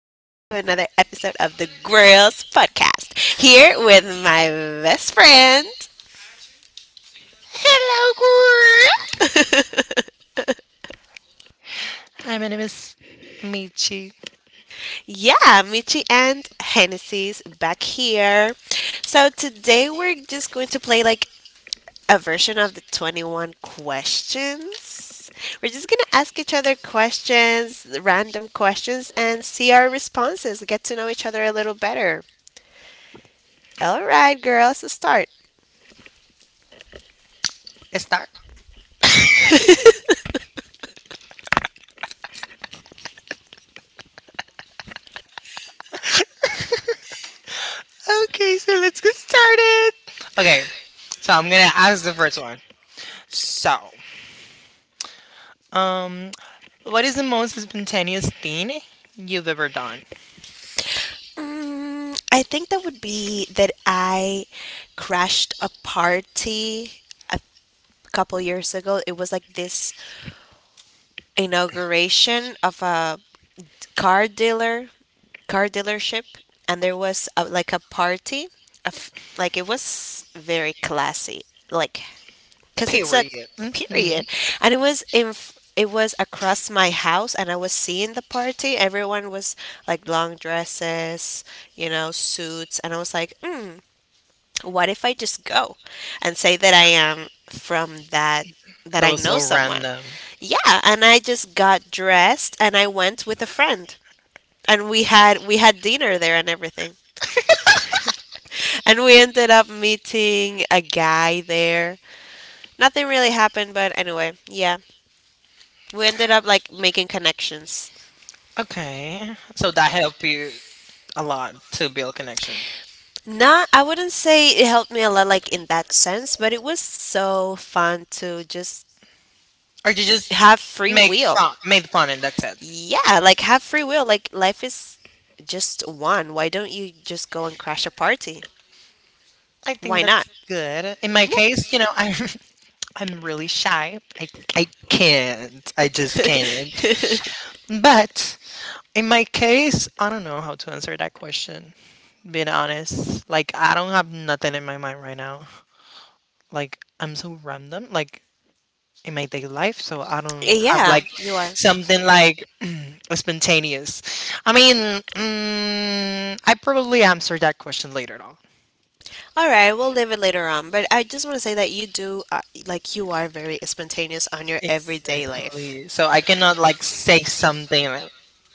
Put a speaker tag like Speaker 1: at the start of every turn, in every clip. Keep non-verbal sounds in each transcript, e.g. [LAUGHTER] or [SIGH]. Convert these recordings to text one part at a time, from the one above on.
Speaker 1: back to another episode of the Girls Podcast. Here with my best friend.
Speaker 2: Hello, girl.
Speaker 1: [LAUGHS]
Speaker 2: Hi, my name is Michi
Speaker 1: Yeah, Michi and Hennessy's back here. So today we're just going to play like a version of the 21 questions. We're just going to ask each other questions, random questions, and see our responses, get to know each other a little better. All right, girls, let's start.
Speaker 2: Star. Okay, so let's get started. Okay, so I'm gonna ask the first one. So, um, what is the most spontaneous thing you've ever done?
Speaker 1: I think that would be that I crashed a party a couple years ago. It was like this inauguration of a car dealer, car dealership, and there was a, like a party of like it was very classy, like because it's a
Speaker 2: Period. Hmm.
Speaker 1: period, and it was It was across my house, and I was seeing the party. Everyone was like long dresses, suits, and I was like, what if I just go and say that I am from that that
Speaker 2: That
Speaker 1: I
Speaker 2: was
Speaker 1: know
Speaker 2: so
Speaker 1: someone?
Speaker 2: random.
Speaker 1: Yeah, and I just got dressed and I went with a friend. And we had dinner there and everything. And we ended up meeting a guy there. Nothing really happened, but anyway, yeah. We ended up like making connections.
Speaker 2: Okay, so that helped you a lot to build connection,
Speaker 1: Not, I wouldn't say it helped me a lot, like in that sense, but it was so fun to just
Speaker 2: or you just
Speaker 1: have free
Speaker 2: make
Speaker 1: will.
Speaker 2: fun, made fun, and that's it.
Speaker 1: Yeah, like have free will. Like life is just one. Why don't you just go and crash a party?
Speaker 2: I think
Speaker 1: Why
Speaker 2: that's
Speaker 1: not?
Speaker 2: good. In my case, you know, I [LAUGHS] I'm really shy. I can't. I just can't.
Speaker 1: Yeah. [LAUGHS]
Speaker 2: But in my case, I don't know how to answer that question. Being honest, like I don't have nothing in my mind right now. Like I'm so random, like in my daily life, so I don't have
Speaker 1: Yeah,
Speaker 2: like
Speaker 1: you are.
Speaker 2: something like [CLEARS THROAT] spontaneous. I mean, I probably answer that question later on.
Speaker 1: All right, we'll leave it later on. But I just want to say that you do, like, you are very spontaneous on your everyday life.
Speaker 2: Exactly. So I cannot like say something like,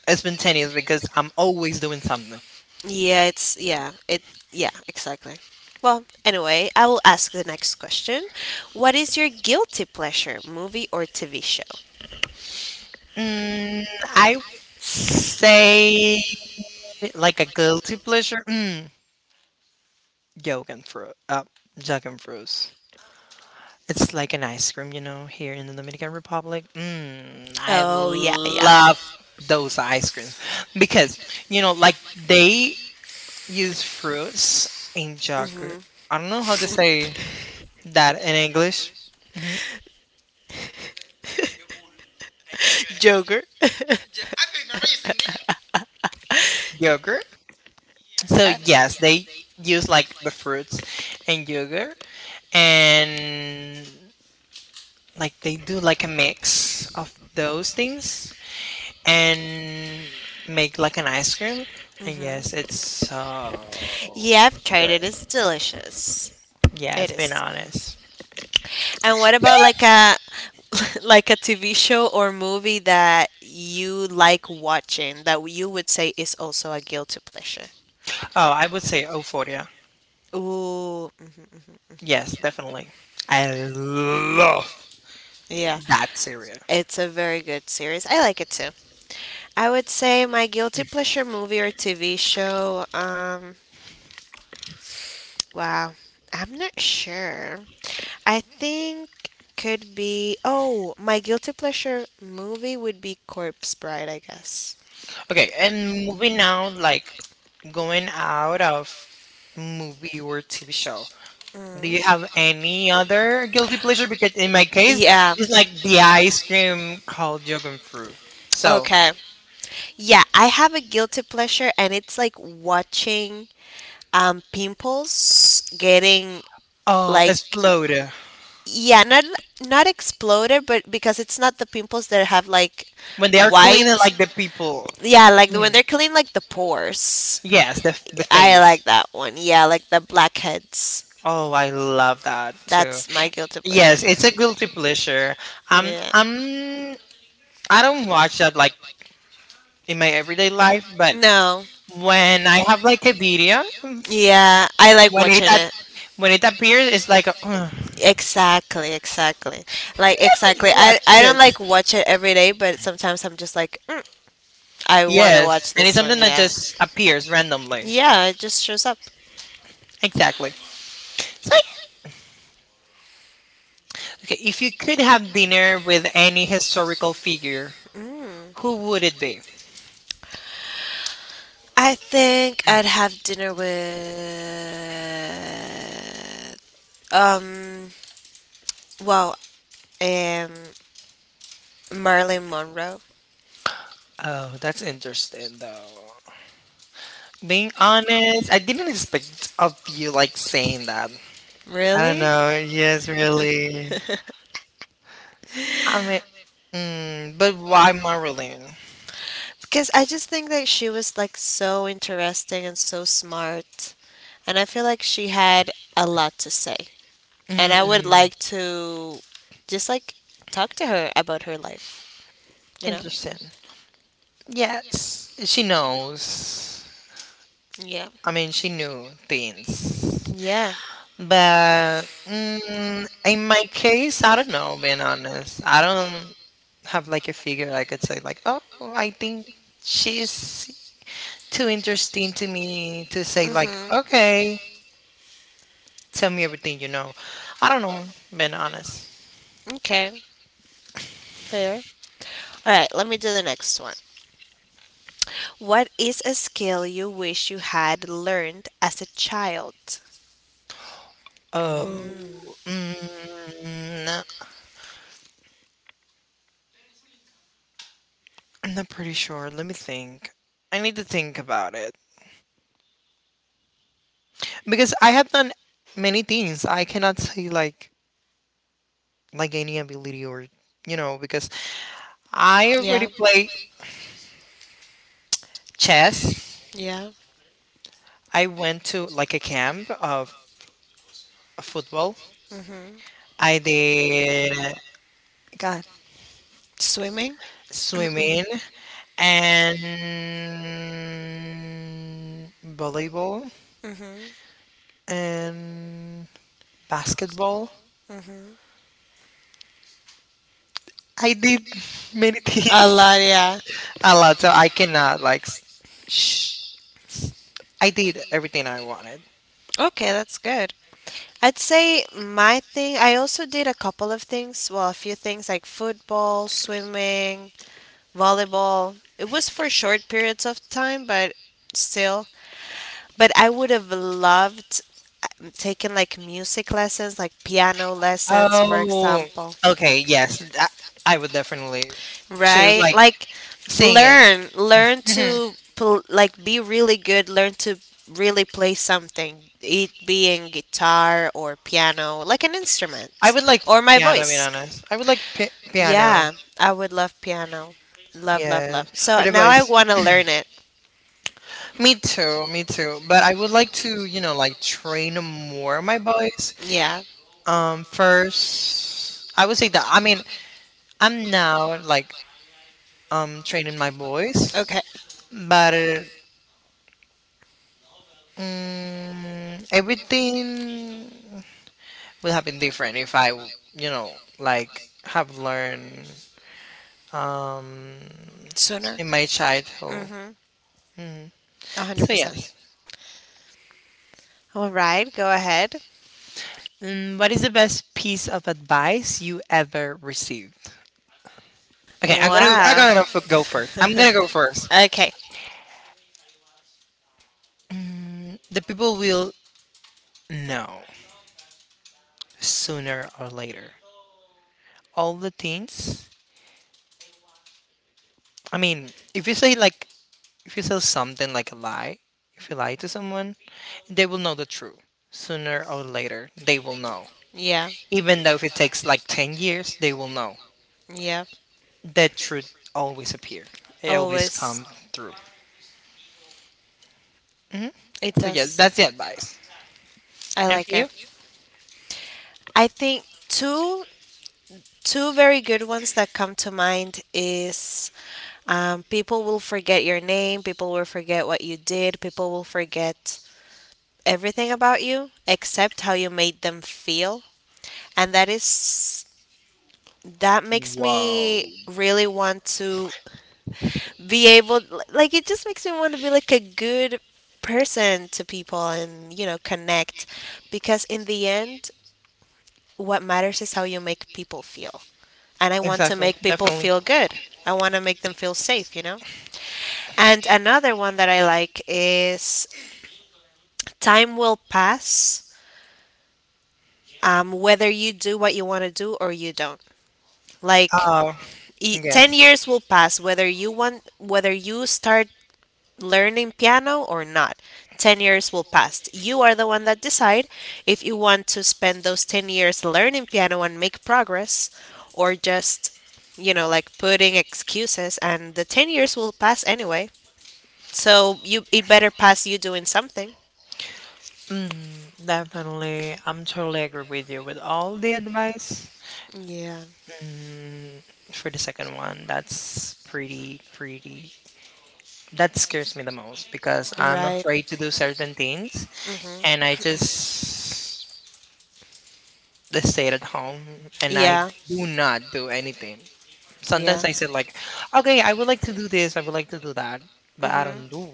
Speaker 2: spontaneous because I'm always doing something.
Speaker 1: Yeah, it's, yeah, it, yeah, exactly. Well, anyway, I will ask the next question. What is your guilty pleasure, movie or TV show?
Speaker 2: Mm, I would say like a guilty pleasure. Mm, Yogan fruit. Jug fruits. It's like an ice cream, you know, here in the Dominican Republic. Mm, I
Speaker 1: Oh, yeah, yeah.
Speaker 2: love those ice creams because, you know, like they use fruits in yogurt. I don't know how to say that in English. Mhm.
Speaker 1: Joker.
Speaker 2: Yogurt. So, yes, they use like the fruits and yogurt. And like they do like a mix of those things and make like an ice cream. And yes,
Speaker 1: Mm-hmm.
Speaker 2: it's so
Speaker 1: Yeah, I've tried
Speaker 2: good.
Speaker 1: it. It's delicious. It
Speaker 2: Yes, being
Speaker 1: is.
Speaker 2: honest.
Speaker 1: And what about like a [LAUGHS] like a TV show or movie that you like watching that you would say is also a guilty pleasure?
Speaker 2: Oh, I would say Euphoria.
Speaker 1: Ooh,
Speaker 2: Yes, definitely. I love
Speaker 1: yeah.
Speaker 2: that cereal.
Speaker 1: It's a very good series. I like it too. I would say my guilty pleasure movie or TV show, wow. I'm not sure. I think could be, oh, my guilty pleasure movie would be Corpse Bride, I guess.
Speaker 2: Okay, and moving now, like going out of movie or TV show. Do you
Speaker 1: Mm.
Speaker 2: have any other guilty pleasure? Because in my case,
Speaker 1: Yeah.
Speaker 2: it's like the ice cream called yogurt fruit. So
Speaker 1: Okay. Yeah, I have a guilty pleasure and it's like watching pimples getting
Speaker 2: Oh,
Speaker 1: like,
Speaker 2: explode.
Speaker 1: yeah, not exploded, but because it's not the pimples that have like
Speaker 2: When they are
Speaker 1: white.
Speaker 2: cleaning like the people.
Speaker 1: Yeah, like when
Speaker 2: Mm.
Speaker 1: they're clean, like the pores.
Speaker 2: Yes, the
Speaker 1: I
Speaker 2: face.
Speaker 1: like that one. Yeah, like the blackheads.
Speaker 2: Oh, I love that too.
Speaker 1: That's my guilty pleasure.
Speaker 2: Yes, it's a guilty pleasure.
Speaker 1: Yeah.
Speaker 2: I'm I don't watch that like in my everyday life, but
Speaker 1: No.
Speaker 2: when I have like a video,
Speaker 1: Yeah, I like
Speaker 2: when it
Speaker 1: watching
Speaker 2: at,
Speaker 1: it.
Speaker 2: when it appears, it's like a, "Ugh,
Speaker 1: Exactly, exactly. Like exactly.
Speaker 2: watch
Speaker 1: I don't
Speaker 2: this.
Speaker 1: like watch it every day, but sometimes I'm just like, I want to
Speaker 2: Yes,
Speaker 1: watch
Speaker 2: and it's
Speaker 1: this one.
Speaker 2: something that
Speaker 1: Yeah.
Speaker 2: just appears randomly.
Speaker 1: Yeah, it just shows up.
Speaker 2: Exactly. So, okay, if you could have dinner with any historical figure,
Speaker 1: Mm.
Speaker 2: who would it be?
Speaker 1: I think I'd have dinner with, um well, um Marilyn Monroe.
Speaker 2: Oh, that's interesting though. Being honest, I didn't expect of you like saying that. I don't
Speaker 1: Really?
Speaker 2: know. Yes, really.
Speaker 1: [LAUGHS]
Speaker 2: I mean, but why Marilyn?
Speaker 1: Because I just think that she was like so interesting and so smart. And I feel like she had a lot to say. And I would
Speaker 2: Mm,
Speaker 1: like to just like talk to her about her life, you know?
Speaker 2: interesting. Yes, she knows.
Speaker 1: Yeah.
Speaker 2: I mean, she knew things.
Speaker 1: Yeah.
Speaker 2: But mm, in my case, I don't know, being honest. I don't have like a figure I could say, like, oh, I think she's too interesting to me to say like,
Speaker 1: Mm-hmm.
Speaker 2: okay, tell me everything you know. I don't know, being honest.
Speaker 1: Okay. Fair. All right, let me do the next one. What is a skill you wish you had learned as a child?
Speaker 2: Oh,
Speaker 1: Mm.
Speaker 2: no, I'm not pretty sure. Let me think. I need to think about it because I have done many things. I cannot say like any ability or you know because I already
Speaker 1: Yeah.
Speaker 2: play chess.
Speaker 1: Yeah.
Speaker 2: I went to like a camp of football.
Speaker 1: Mhm.
Speaker 2: I did God
Speaker 1: Swimming.
Speaker 2: swimming. And volleyball
Speaker 1: Mhm.
Speaker 2: and basketball.
Speaker 1: Mhm.
Speaker 2: I did [LAUGHS] many
Speaker 1: A
Speaker 2: things,
Speaker 1: lot. Yeah.
Speaker 2: [LAUGHS] a lot. So I cannot like. S- Sh- s- I did everything I wanted.
Speaker 1: Okay, that's good. I'd say my thing. I also did a couple of things. Well, a few things like football, swimming, volleyball. It was for short periods of time, but still. But I would have loved taking like music lessons, like piano lessons, for
Speaker 2: Oh,
Speaker 1: example.
Speaker 2: okay. Yes, I would definitely choose
Speaker 1: Right?
Speaker 2: like
Speaker 1: Like
Speaker 2: singing.
Speaker 1: learn
Speaker 2: Hmm.
Speaker 1: to like be really good, learn to really play something, it being guitar or piano, like an
Speaker 2: I
Speaker 1: instrument
Speaker 2: would like
Speaker 1: or my
Speaker 2: piano. Being
Speaker 1: voice.
Speaker 2: honest, I would like piano.
Speaker 1: Yeah, I would love piano. Love, love, love.
Speaker 2: Yes, or
Speaker 1: So
Speaker 2: the
Speaker 1: now I
Speaker 2: voice.
Speaker 1: want to learn it.
Speaker 2: Me too. But I would like to, you know, like train more my boys.
Speaker 1: Yeah.
Speaker 2: First, I would say that. I mean, I'm now like training my boys,
Speaker 1: Okay.
Speaker 2: but mm, everything would have been different if I, you know, like have learned um
Speaker 1: Sooner.
Speaker 2: in my childhood.
Speaker 1: Mhm.
Speaker 2: Mm. So
Speaker 1: 100%.
Speaker 2: yes,
Speaker 1: All right, go ahead.
Speaker 2: mm, what is the best piece of advice you ever received? Okay,
Speaker 1: Wow.
Speaker 2: go first. I'm gonna go first.
Speaker 1: Okay.
Speaker 2: The people will know sooner or later. All the things. I mean, if you say like if you say something like a lie, if you lie to someone, they will know the truth sooner or later. They will know.
Speaker 1: Yeah.
Speaker 2: Even though if it takes like 10 years, they will know.
Speaker 1: Yeah.
Speaker 2: The truth always appear. It always
Speaker 1: Always.
Speaker 2: come through. Hmm.
Speaker 1: It
Speaker 2: So yes,
Speaker 1: does.
Speaker 2: that's the advice.
Speaker 1: I
Speaker 2: And
Speaker 1: like
Speaker 2: for
Speaker 1: it.
Speaker 2: you?
Speaker 1: I think two very good ones that come to mind is, people will forget your name, people will forget what you did, people will forget everything about you except how you made them feel. And that is, that makes
Speaker 2: Wow.
Speaker 1: me really want to be able, like it just makes me want to be like a good person to people and connect, because in the end what matters is how you make people feel. And I want to
Speaker 2: Exactly.
Speaker 1: make people
Speaker 2: Definitely.
Speaker 1: feel good. I want to make them feel safe, you know? And another one that I like is time will pass, whether you do what you want to do or you don't. Like,
Speaker 2: Uh, yeah.
Speaker 1: 10 years will pass, whether you want, whether you start learning piano or not. 10 years will pass. You are the one that decide if you want to spend those 10 years learning piano and make progress, or just, like putting excuses, and the 10 years will pass anyway. So you it better pass you doing something.
Speaker 2: Mm, definitely. I'm totally agree with you with all the advice.
Speaker 1: Yeah.
Speaker 2: Mm, for the second one, that's pretty. That scares me the most because I'm
Speaker 1: Right.
Speaker 2: afraid to do certain things and I just stay at home and I
Speaker 1: Yeah.
Speaker 2: do not do anything.
Speaker 1: Yeah.
Speaker 2: Sometimes I said like, okay, I would like to do this, I would like to do that, but I
Speaker 1: Mhm.
Speaker 2: don't do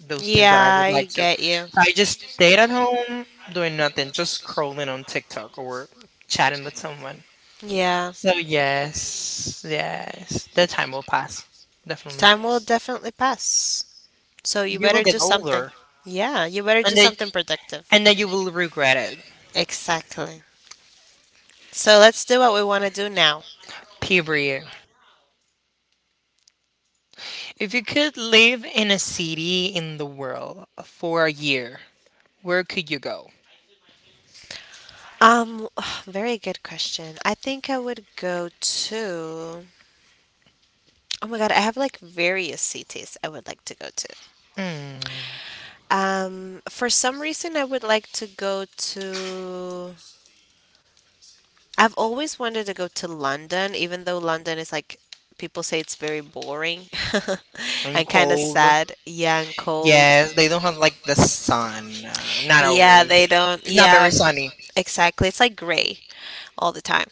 Speaker 2: those things
Speaker 1: Yeah,
Speaker 2: that I would
Speaker 1: I
Speaker 2: like to.
Speaker 1: get you.
Speaker 2: I just stayed at home doing nothing, just scrolling on TikTok or chatting with someone.
Speaker 1: Yeah.
Speaker 2: So yes, the time will pass. Definitely,
Speaker 1: Time will definitely pass. So you
Speaker 2: you will
Speaker 1: better
Speaker 2: get
Speaker 1: do something.
Speaker 2: older,
Speaker 1: Yeah, you better
Speaker 2: and
Speaker 1: do
Speaker 2: then
Speaker 1: something productive.
Speaker 2: and then you will regret it.
Speaker 1: Exactly. So let's do what we want to do now.
Speaker 2: Period. If you could live in a city in the world for a year, where could you go?
Speaker 1: Um, [SIGHS] Very good question. I think I would go to. Oh my God, I have like various cities I would like to go to.
Speaker 2: Mm,
Speaker 1: For some reason, I would like to go to. I've always wanted to go to London, even though London is like, people say it's very boring [LAUGHS]
Speaker 2: in
Speaker 1: and kind of
Speaker 2: cold.
Speaker 1: sad. Yeah, and cold.
Speaker 2: Yes, they don't have like the sun. Not
Speaker 1: Yeah, they
Speaker 2: always.
Speaker 1: don't.
Speaker 2: It's not
Speaker 1: Yeah,
Speaker 2: very sunny.
Speaker 1: exactly. It's like gray all the time.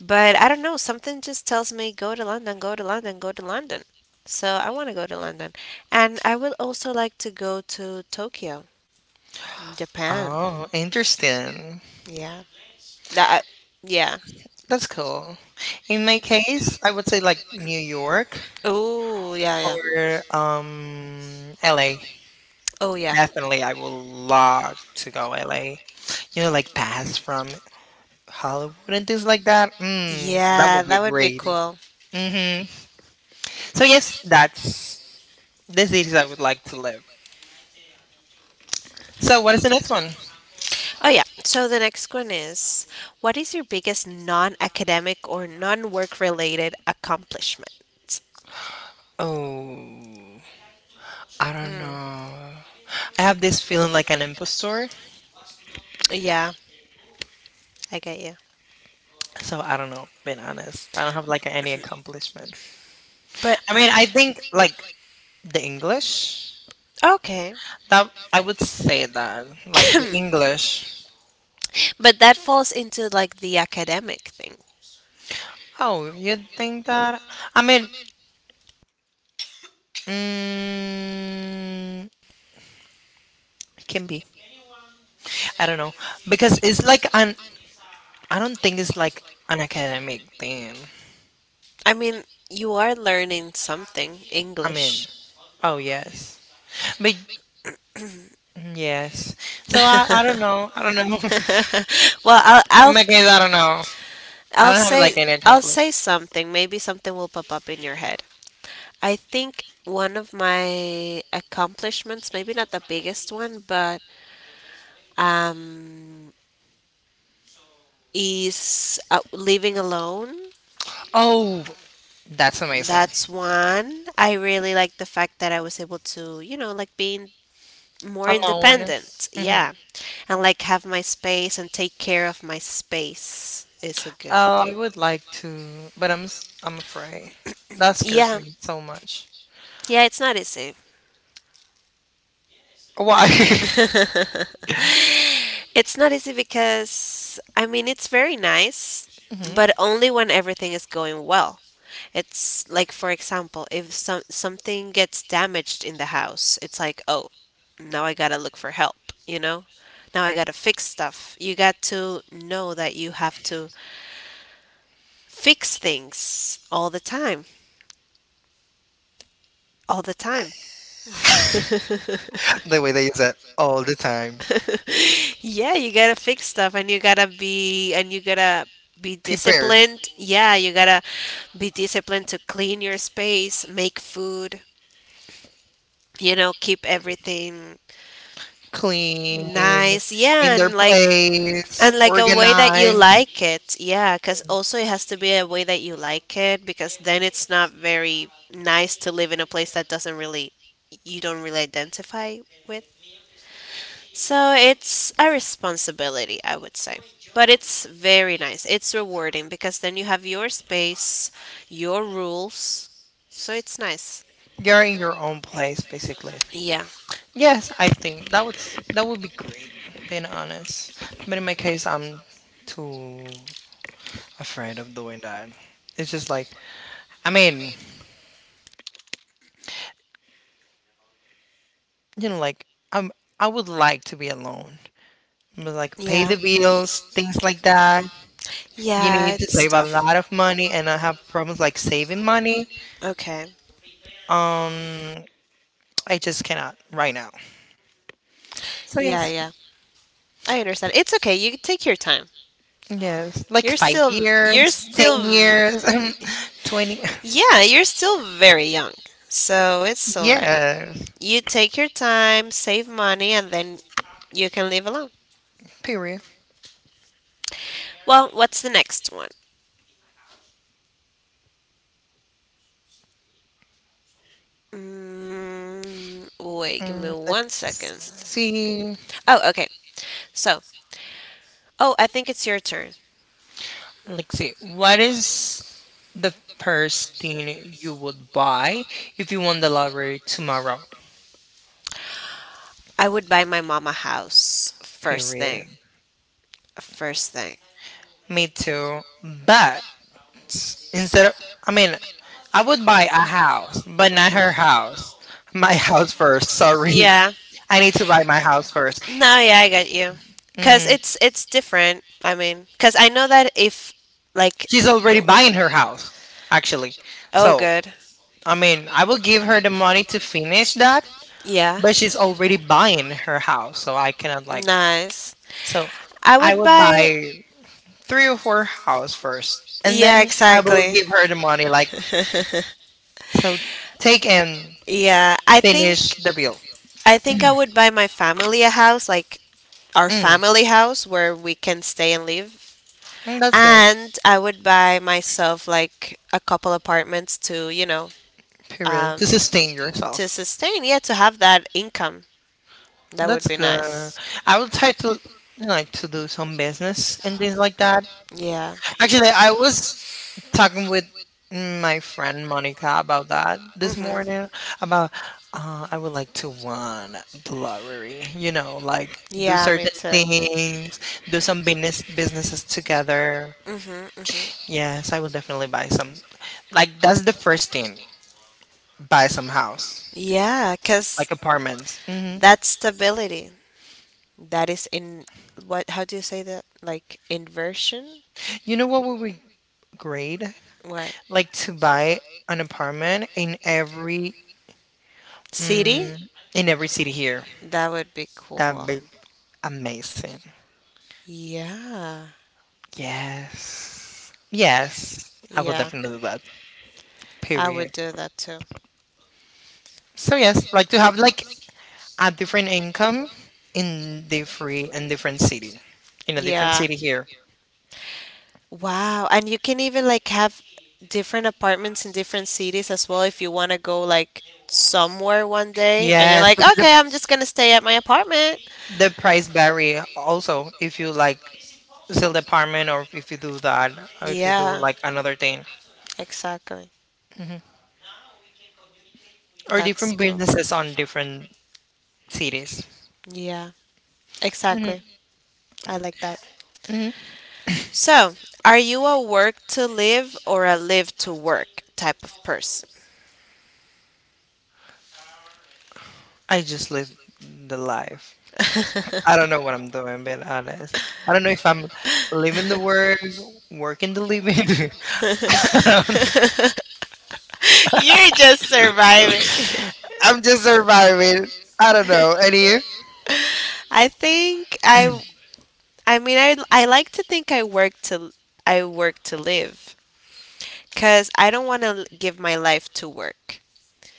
Speaker 1: But I don't know, something just tells me go to London, go to London, go to London. So I want to go to London. And I would also like to go to Tokyo, Japan.
Speaker 2: Oh, interesting.
Speaker 1: Yeah. That. Yeah.
Speaker 2: That's cool. In my case, I would say like New York
Speaker 1: Oh, yeah, yeah.
Speaker 2: or LA.
Speaker 1: Oh, yeah.
Speaker 2: Definitely, I would love to go LA. You know, like pass from Hollywood and things like that. Mm, that
Speaker 1: Yeah,
Speaker 2: would be
Speaker 1: that would be
Speaker 2: great.
Speaker 1: cool.
Speaker 2: Mm-hmm. So yes, that's the cities I would like to live. So what is the next one?
Speaker 1: Oh, yeah. So the next one is, what is your biggest non academic or non work related accomplishment?
Speaker 2: Oh, I don't
Speaker 1: Mm,
Speaker 2: know. I have this feeling like an impostor.
Speaker 1: yeah, I get you.
Speaker 2: So I don't know, being honest. I don't have like any accomplishment.
Speaker 1: But
Speaker 2: I mean, I think like the English,
Speaker 1: okay.
Speaker 2: that I would say that. Like the English.
Speaker 1: But that falls into like the academic thing.
Speaker 2: Oh, you think that? I mean, mm, can be. I don't know. Because it's like an, I don't think it's like an academic thing.
Speaker 1: I mean, you are learning something,
Speaker 2: I mean,
Speaker 1: English.
Speaker 2: oh, yes. But yes. So I don't know. I don't know. [LAUGHS]
Speaker 1: [LAUGHS] Well,
Speaker 2: In my case, I don't know. I
Speaker 1: I'll
Speaker 2: don't have like
Speaker 1: say
Speaker 2: any
Speaker 1: I'll
Speaker 2: accomplishment.
Speaker 1: say something. Maybe something will pop up in your head. I think one of my accomplishments, maybe not the biggest one, but, um, is, living alone.
Speaker 2: Oh, that's amazing.
Speaker 1: That's one. I really like the fact that I was able to, like being more
Speaker 2: Alone.
Speaker 1: independent.
Speaker 2: Hmm.
Speaker 1: Yeah. And like have my space and take care of my space is a good
Speaker 2: Oh,
Speaker 1: thing.
Speaker 2: I would like to, but I'm afraid. That scares
Speaker 1: Yeah.
Speaker 2: me so much.
Speaker 1: Yeah, it's not easy.
Speaker 2: Why? [LAUGHS]
Speaker 1: [LAUGHS] It's not easy because, I mean, it's very nice,
Speaker 2: Hmm.
Speaker 1: but only when everything is going well. It's like, for example, if something gets damaged in the house, it's like, oh, now I gotta look for help, you know? Now I gotta fix stuff. You got to know that you have to fix things all the time. All the time.
Speaker 2: The way they use it all the time.
Speaker 1: Yeah, you gotta fix stuff and you gotta be
Speaker 2: Prepare,
Speaker 1: disciplined. Yeah, you gotta be disciplined to clean your space, make food, keep everything
Speaker 2: clean,
Speaker 1: nice.
Speaker 2: in
Speaker 1: Yeah,
Speaker 2: their place,
Speaker 1: and like a way that you
Speaker 2: organized.
Speaker 1: like it. Yeah, cuz also it has to be a way that you like it, because then it's not very nice to live in a place that doesn't really you don't really identify with. So it's a responsibility, I would say. But it's very nice. It's rewarding because then you have your space, your rules. So it's nice.
Speaker 2: You're in your own place, basically.
Speaker 1: Yeah.
Speaker 2: Yes, I think that that would be great, being honest. But in my case, I'm too afraid of doing that. It's just like I mean, you know, like I'm I would like to be alone. But like pay
Speaker 1: Yeah.
Speaker 2: the bills, things like that. You
Speaker 1: Yeah,
Speaker 2: need to
Speaker 1: it's
Speaker 2: save a
Speaker 1: tough.
Speaker 2: lot of money and I have problems like saving money.
Speaker 1: Okay.
Speaker 2: Um I just cannot right now. So
Speaker 1: Yeah,
Speaker 2: yes.
Speaker 1: yeah. I understand. It's okay. You can take your time.
Speaker 2: Yes. Like
Speaker 1: You're
Speaker 2: five
Speaker 1: still you're
Speaker 2: years,
Speaker 1: still
Speaker 2: 10 years, [LAUGHS] 20
Speaker 1: yeah, you're still very young. So it's
Speaker 2: [LAUGHS]
Speaker 1: all right.
Speaker 2: yes.
Speaker 1: You take your time, save money, and then you can live alone.
Speaker 2: Period.
Speaker 1: Well, what's the next one? Wait, give me
Speaker 2: Mm,
Speaker 1: one second.
Speaker 2: let's see.
Speaker 1: Oh, okay. So, oh, I think it's your turn.
Speaker 2: Let's see. What is the first thing you would buy if you won the lottery tomorrow?
Speaker 1: I would buy my mom a house, first thing.
Speaker 2: Period.
Speaker 1: First thing.
Speaker 2: Me too. But instead of, I mean, I would buy a house, but not her house. My [LAUGHS] house first. Sorry.
Speaker 1: Yeah.
Speaker 2: I need to buy my house 1st.
Speaker 1: No, yeah, I get you, cause
Speaker 2: Hmm.
Speaker 1: it's different. I mean, cause I know that if like,
Speaker 2: She's already buying her house, actually.
Speaker 1: oh
Speaker 2: So,
Speaker 1: good.
Speaker 2: I mean, I will give her the money to finish that,
Speaker 1: Yeah.
Speaker 2: but she's already buying her house. So I cannot, like,
Speaker 1: Nice.
Speaker 2: so
Speaker 1: I
Speaker 2: I
Speaker 1: would
Speaker 2: would
Speaker 1: buy.
Speaker 2: buy three or four house first, and
Speaker 1: Yeah,
Speaker 2: then I will
Speaker 1: exactly.
Speaker 2: give her the money, like,
Speaker 1: [LAUGHS]
Speaker 2: so take and
Speaker 1: Yeah, I think
Speaker 2: finish the bill.
Speaker 1: I think I would buy my family a house, like our
Speaker 2: Mm,
Speaker 1: family house where we can stay and live.
Speaker 2: mm, that's good.
Speaker 1: And I would buy myself like a couple apartments to,
Speaker 2: Period.
Speaker 1: um
Speaker 2: To sustain
Speaker 1: to
Speaker 2: yourself.
Speaker 1: sustain, yeah, to have that income. That would
Speaker 2: That's
Speaker 1: be
Speaker 2: good.
Speaker 1: nice.
Speaker 2: I would try to like to do some business and things like that.
Speaker 1: Yeah.
Speaker 2: Actually, I was talking with my friend Monica about that this
Speaker 1: Mhm.
Speaker 2: morning. About I would like to win the lottery. You know, like do
Speaker 1: Yeah, me
Speaker 2: certain
Speaker 1: too.
Speaker 2: things, do some businesses together.
Speaker 1: Mhm. Mhm.
Speaker 2: Yes, I will definitely buy some. Like that's the first thing. Buy some house,
Speaker 1: Yeah, cuz
Speaker 2: like apartments. Hmm.
Speaker 1: that's stability. That is in, what? How do you say that? Like inversion?
Speaker 2: You know what would be great?
Speaker 1: What
Speaker 2: Like to buy an apartment in every
Speaker 1: city?
Speaker 2: mm, in every city here.
Speaker 1: That would be
Speaker 2: That'd
Speaker 1: cool.
Speaker 2: be amazing.
Speaker 1: Yeah.
Speaker 2: Yes. Yes. I will
Speaker 1: Yeah.
Speaker 2: definitely do that.
Speaker 1: I would
Speaker 2: Period.
Speaker 1: do that too.
Speaker 2: So yes, like to have like a different income in the free in different city. In a different
Speaker 1: Yeah.
Speaker 2: city here.
Speaker 1: Wow. And you can even like have different apartments in different cities as well, if you want to go like somewhere one day and you're
Speaker 2: Yes.
Speaker 1: like, okay, I'm just going to stay at my apartment.
Speaker 2: The price vary also if you like sell the apartment or if you do that or if you do
Speaker 1: Yeah,
Speaker 2: like another thing.
Speaker 1: exactly.
Speaker 2: Or
Speaker 1: That's
Speaker 2: different
Speaker 1: cool.
Speaker 2: businesses on different cities.
Speaker 1: Yeah,
Speaker 2: Hmm.
Speaker 1: exactly. I like that.
Speaker 2: Hmm.
Speaker 1: So, are you a work to live or a live to work type of person?
Speaker 2: I just live the life.
Speaker 1: [LAUGHS]
Speaker 2: I don't know what I'm doing, being honest. I don't know if I'm living the work, working the living. [LAUGHS] I don't-
Speaker 1: You're just surviving. [LAUGHS]
Speaker 2: I'm just surviving. I don't know. And you?
Speaker 1: I think I mean, I like to think I work to live cuz I don't want to give my life to work.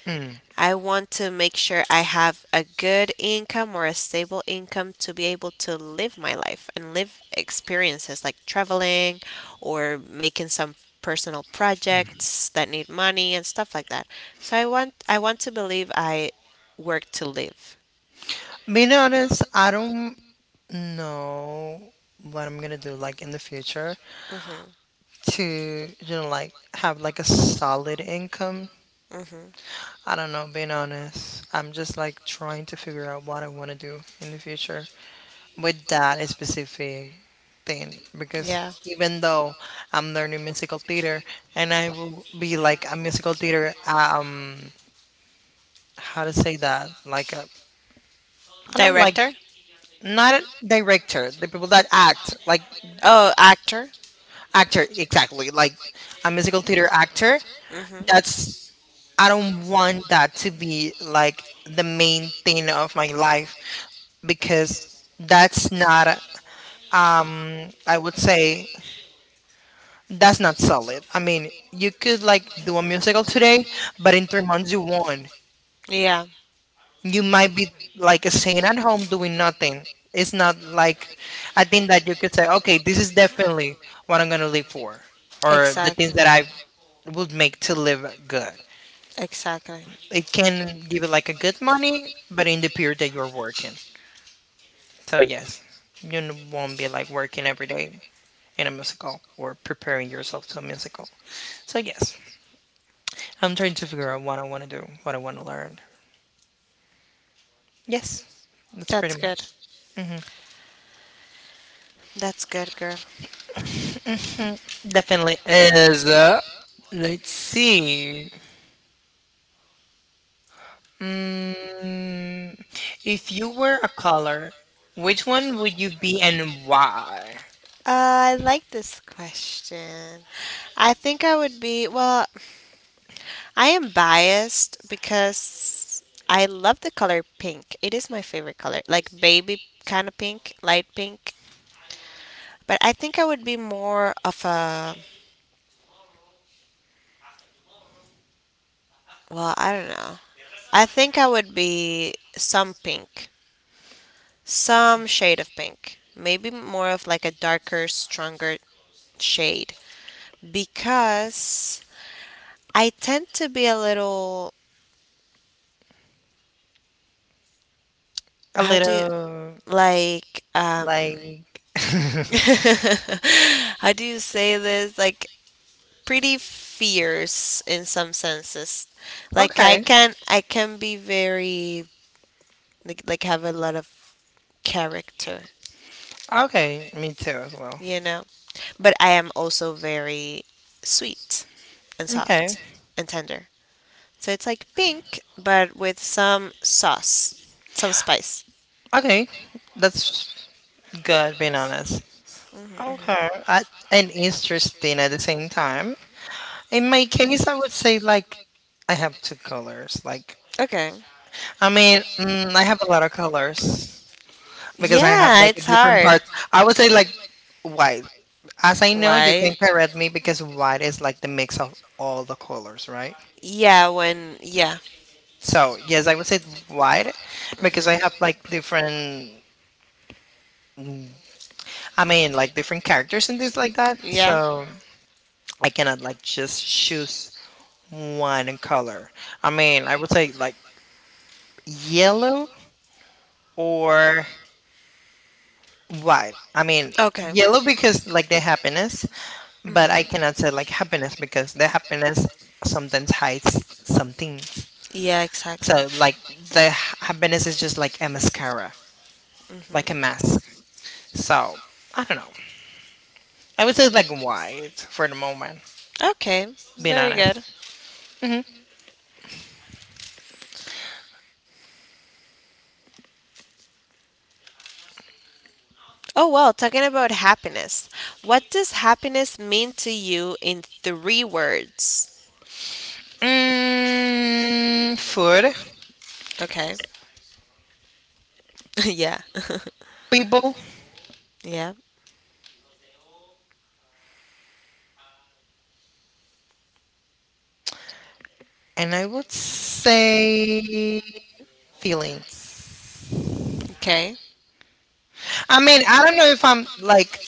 Speaker 2: Mm.
Speaker 1: I want to make sure I have a good income or a stable income to be able to live my life and live experiences like traveling or making some personal projects that need money and stuff like that. So I want to believe I work to live.
Speaker 2: Being honest, I don't know what I'm gonna do like in the future
Speaker 1: Mhm.
Speaker 2: to you know like have like a solid income.
Speaker 1: Mhm.
Speaker 2: I don't know, being honest. I'm just like trying to figure out what I wanna do in the future. With that specific thing because
Speaker 1: Yeah.
Speaker 2: even though I'm learning musical theater and I will be like a musical theater how to say that like a, I don't like
Speaker 1: Director?
Speaker 2: not a director the people that act like
Speaker 1: Oh, actor.
Speaker 2: actor exactly like a musical theater actor
Speaker 1: Hmm.
Speaker 2: that's I don't want that to be like the main thing of my life because that's not I would say that's not solid. I mean, you could like do a musical today, but in 3 months you won't.
Speaker 1: Yeah,
Speaker 2: You might be like sitting at home doing nothing. It's not like I think that you could say, okay, this is definitely what I'm gonna live for, or the things
Speaker 1: exactly.
Speaker 2: that I would make to live good.
Speaker 1: Exactly.
Speaker 2: It can give you like a good money, but in the period that you're working. So yes, won't be like working every day in a musical or preparing yourself to a musical. So yes. I'm trying to figure out what I want to do, what I want to learn. Yes, that's pretty
Speaker 1: That's
Speaker 2: much.
Speaker 1: good. That's good, girl.
Speaker 2: Definitely is. Let's see. Mm, if you were a color, which one would you be and why?
Speaker 1: I like this question. I think I would be, well, I am biased because I love the color pink. It is my favorite color, like baby kind of pink, light pink. But I think I would be more of a, well, I don't know. I think I would be some pink, some shade of pink, maybe more of like a darker, stronger shade because I tend to be a little,
Speaker 2: A
Speaker 1: how do you,
Speaker 2: little
Speaker 1: like,
Speaker 2: like. [LAUGHS]
Speaker 1: [LAUGHS] how do you say this? Like, pretty fierce in some senses. Like,
Speaker 2: Okay.
Speaker 1: I can be very, like, have a lot of character.
Speaker 2: Okay, me too as well.
Speaker 1: You know. But I am also very sweet and
Speaker 2: Okay.
Speaker 1: soft and tender. So it's like pink, but with some sauce, some spice.
Speaker 2: Okay. That's good, being honest. Okay. I, and interesting at the same time. In my case, I would say like I have two colors. Like
Speaker 1: Okay.
Speaker 2: I mean, I have a lot of colors because I have
Speaker 1: Yeah,
Speaker 2: like a
Speaker 1: it's
Speaker 2: different
Speaker 1: hard.
Speaker 2: parts. I would say like white. As I know, you can
Speaker 1: Why?
Speaker 2: correct me because white is like the mix of all the colors, right?
Speaker 1: Yeah, when, yeah.
Speaker 2: So yes, I would say white because I
Speaker 1: Hmm.
Speaker 2: have like different. mm, I mean, like different characters and things like that.
Speaker 1: Yeah.
Speaker 2: So I cannot like just choose one color. I mean, I would say like yellow or Right. I mean,
Speaker 1: Okay.
Speaker 2: yellow because like the happiness, but I cannot say like happiness because the happiness sometimes hides some things.
Speaker 1: Yeah, exactly.
Speaker 2: So like happiness is just like a mascara, like a mask. So I don't know. I would say like white for the moment.
Speaker 1: Okay,
Speaker 2: Being
Speaker 1: very
Speaker 2: honest.
Speaker 1: good. Oh, well, talking about happiness, what does happiness mean to you in three words?
Speaker 2: Mm, food,
Speaker 1: Okay. [LAUGHS] Yeah. [LAUGHS]
Speaker 2: people,
Speaker 1: Yeah.
Speaker 2: and I would say feelings.
Speaker 1: Okay.
Speaker 2: I mean, I don't know if I'm like.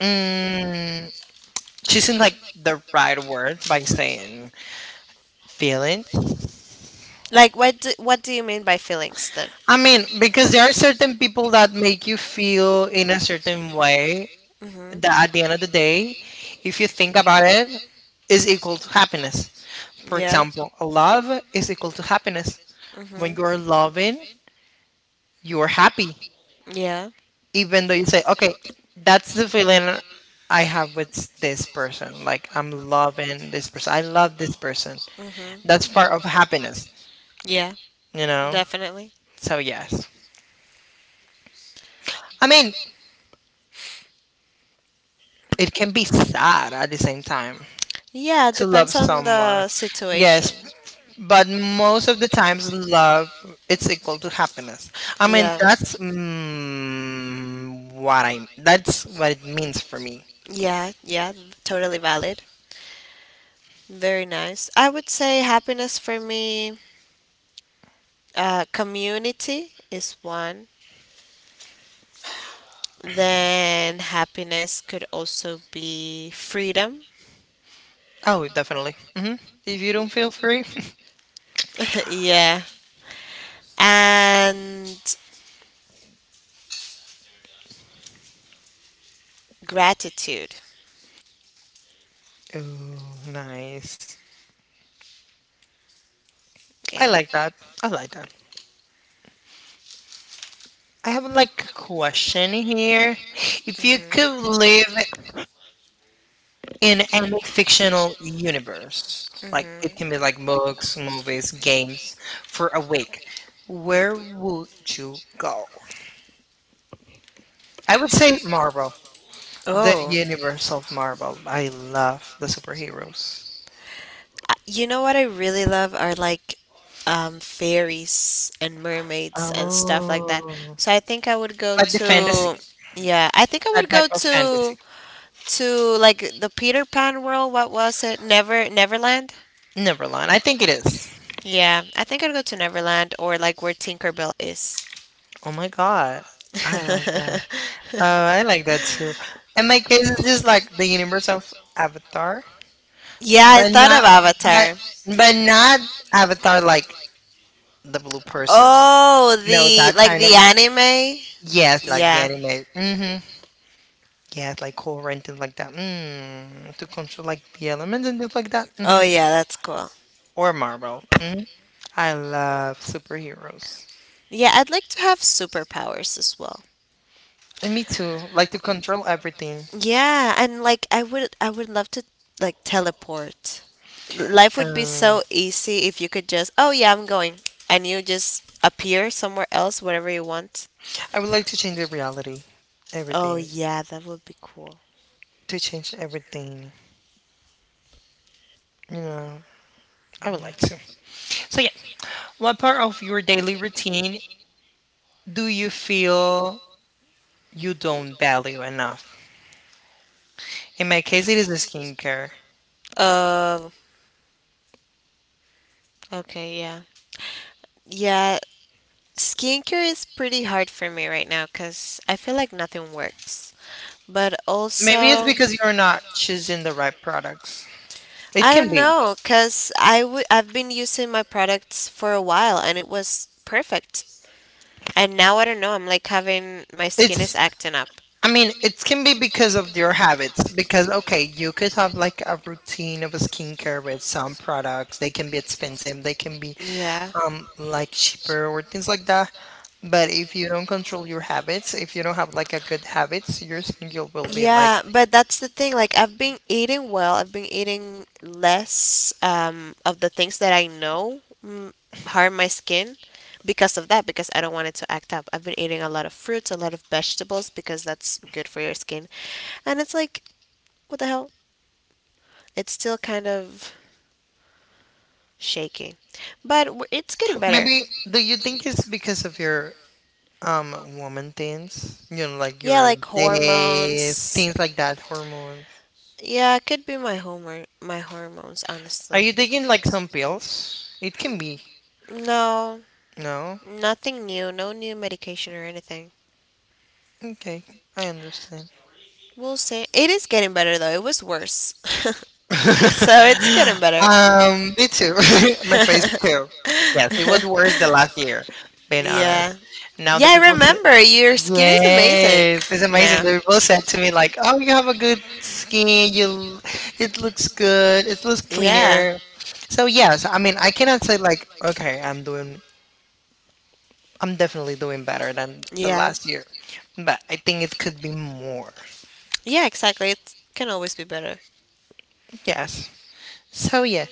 Speaker 2: Mm, Choosing like the right word by saying feelings.
Speaker 1: Like, what do you mean by feelings then?
Speaker 2: I mean, because there are certain people that make you feel in a certain way
Speaker 1: Hmm.
Speaker 2: that at the end of the day, if you think about it, is equal to happiness. For
Speaker 1: Yeah.
Speaker 2: example, love is equal to happiness. When you're
Speaker 1: Hmm.
Speaker 2: loving, you're happy,
Speaker 1: Yeah.
Speaker 2: even though you say, okay, that's the feeling I have with this person. Like, I'm loving this person. I love this person.
Speaker 1: Hmm.
Speaker 2: That's part of happiness,
Speaker 1: Yeah.
Speaker 2: you know?
Speaker 1: Definitely.
Speaker 2: So, yes. I mean, it can be sad at the same time
Speaker 1: Yeah.
Speaker 2: to love
Speaker 1: Depends on
Speaker 2: someone.
Speaker 1: the situation.
Speaker 2: Yes, but most of the times, love it's equal to happiness. I mean,
Speaker 1: Yeah.
Speaker 2: that's mm, what I that's what it means for me.
Speaker 1: Yeah. Yeah. Totally valid. Very nice. I would say happiness for me, community is one. Then happiness could also be freedom.
Speaker 2: Oh, definitely. Hmm. If you don't feel free,
Speaker 1: [LAUGHS] Yeah. And gratitude.
Speaker 2: [LAUGHS] oh, nice. I
Speaker 1: Yeah.
Speaker 2: like that. I like that. I have like a question here. If you could live in any fictional universe. Like
Speaker 1: Hmm.
Speaker 2: it can be like books, movies, games for a week. Where would you go? I would say Marvel, the
Speaker 1: Oh,
Speaker 2: universe of Marvel. I love the superheroes.
Speaker 1: You know what I really love are like fairies and mermaids and stuff like that.
Speaker 2: Oh,
Speaker 1: So I think I would go
Speaker 2: like the fantasy,
Speaker 1: to yeah, I think I
Speaker 2: that
Speaker 1: would
Speaker 2: type
Speaker 1: go
Speaker 2: of fantasy.
Speaker 1: to like the Peter Pan world. What was it? Never Neverland.
Speaker 2: Neverland, I think it is.
Speaker 1: Yeah, I think I'd go to Neverland or like where Tinkerbell is.
Speaker 2: Oh my god, I like that. Oh,
Speaker 1: [LAUGHS]
Speaker 2: I like that too. And my case is just like the universe of Avatar.
Speaker 1: Yeah, I
Speaker 2: But
Speaker 1: thought
Speaker 2: not
Speaker 1: of
Speaker 2: but
Speaker 1: Avatar.
Speaker 2: but not Avatar like the blue person.
Speaker 1: Oh,
Speaker 2: No,
Speaker 1: the
Speaker 2: that
Speaker 1: like
Speaker 2: kind of
Speaker 1: the anime?
Speaker 2: yes, like the
Speaker 1: Yeah.
Speaker 2: anime. Mhm. Yes, like Korra and things like that. Mm. To control like the elements and things like that.
Speaker 1: Oh
Speaker 2: Mhm.
Speaker 1: yeah, that's cool.
Speaker 2: Or Marvel. Mhm. I love superheroes.
Speaker 1: Yeah, I'd like to have superpowers as well.
Speaker 2: And me too. Like to control everything.
Speaker 1: Yeah, and like I would love to like teleport. Life would be so
Speaker 2: Um,
Speaker 1: easy if you could just, oh yeah, I'm going. And you just appear somewhere else, whatever you want.
Speaker 2: I would like to change the reality.
Speaker 1: Oh
Speaker 2: Everything.
Speaker 1: yeah, that would be cool.
Speaker 2: To change everything. You know, I would like to. So yeah, what part of your daily routine do you feel you don't value enough? In my case, it is a skincare.
Speaker 1: Uh, okay, yeah. Yeah, skincare is pretty hard for me right now because I feel like nothing works. But
Speaker 2: Maybe it's
Speaker 1: also,
Speaker 2: because you're not choosing the right products. It
Speaker 1: I
Speaker 2: can
Speaker 1: don't
Speaker 2: be.
Speaker 1: know because I've been using my products for a while and it was perfect. And now I don't know, I'm like having my skin is
Speaker 2: It's,
Speaker 1: acting up.
Speaker 2: I mean, it can be because of your habits. Because, okay, you could have like a routine of a skincare with some products. They can be expensive, they can be
Speaker 1: Yeah.
Speaker 2: like cheaper or things like that. But if you don't control your habits, if you don't have like a good habits, your skin will be like
Speaker 1: Yeah, but that's the thing. Like, I've been eating well. I've been eating less of the things that I know harm my skin because of that, because I don't want it to act up. I've been eating a lot of fruits, a lot of vegetables, because that's good for your skin. And it's like, what the hell? It's still kind of shaky, but it's getting better.
Speaker 2: maybe do you think it's because of your um, woman things, you know, like
Speaker 1: Yeah,
Speaker 2: your
Speaker 1: like
Speaker 2: days, things
Speaker 1: hormones.
Speaker 2: like that, hormones.
Speaker 1: Yeah, it could be my hormones,
Speaker 2: Are
Speaker 1: honestly.
Speaker 2: you taking like some pills? It can be.
Speaker 1: No,
Speaker 2: No?
Speaker 1: nothing new, no new medication or anything.
Speaker 2: Okay, I understand.
Speaker 1: We'll say it is getting better though. It was worse. [LAUGHS] So it's getting
Speaker 2: [LAUGHS]
Speaker 1: better.
Speaker 2: Um, me too. [LAUGHS] My face
Speaker 1: [LAUGHS]
Speaker 2: too. Yes, it was worse the last year, being honest.
Speaker 1: Yeah.
Speaker 2: Now
Speaker 1: Yeah,
Speaker 2: the
Speaker 1: I
Speaker 2: people say,
Speaker 1: remember. Your skin is amazing.
Speaker 2: yes, it's amazing.
Speaker 1: No.
Speaker 2: The people said to me like, oh, you have a good skin. It looks good. It looks
Speaker 1: Yeah.
Speaker 2: cleaner. So yes, I mean I cannot say like okay, I'm doing I'm definitely doing better than the
Speaker 1: Yeah.
Speaker 2: last year. But I think it could be more.
Speaker 1: Yeah, exactly. It can always be better.
Speaker 2: Yes. So yeah,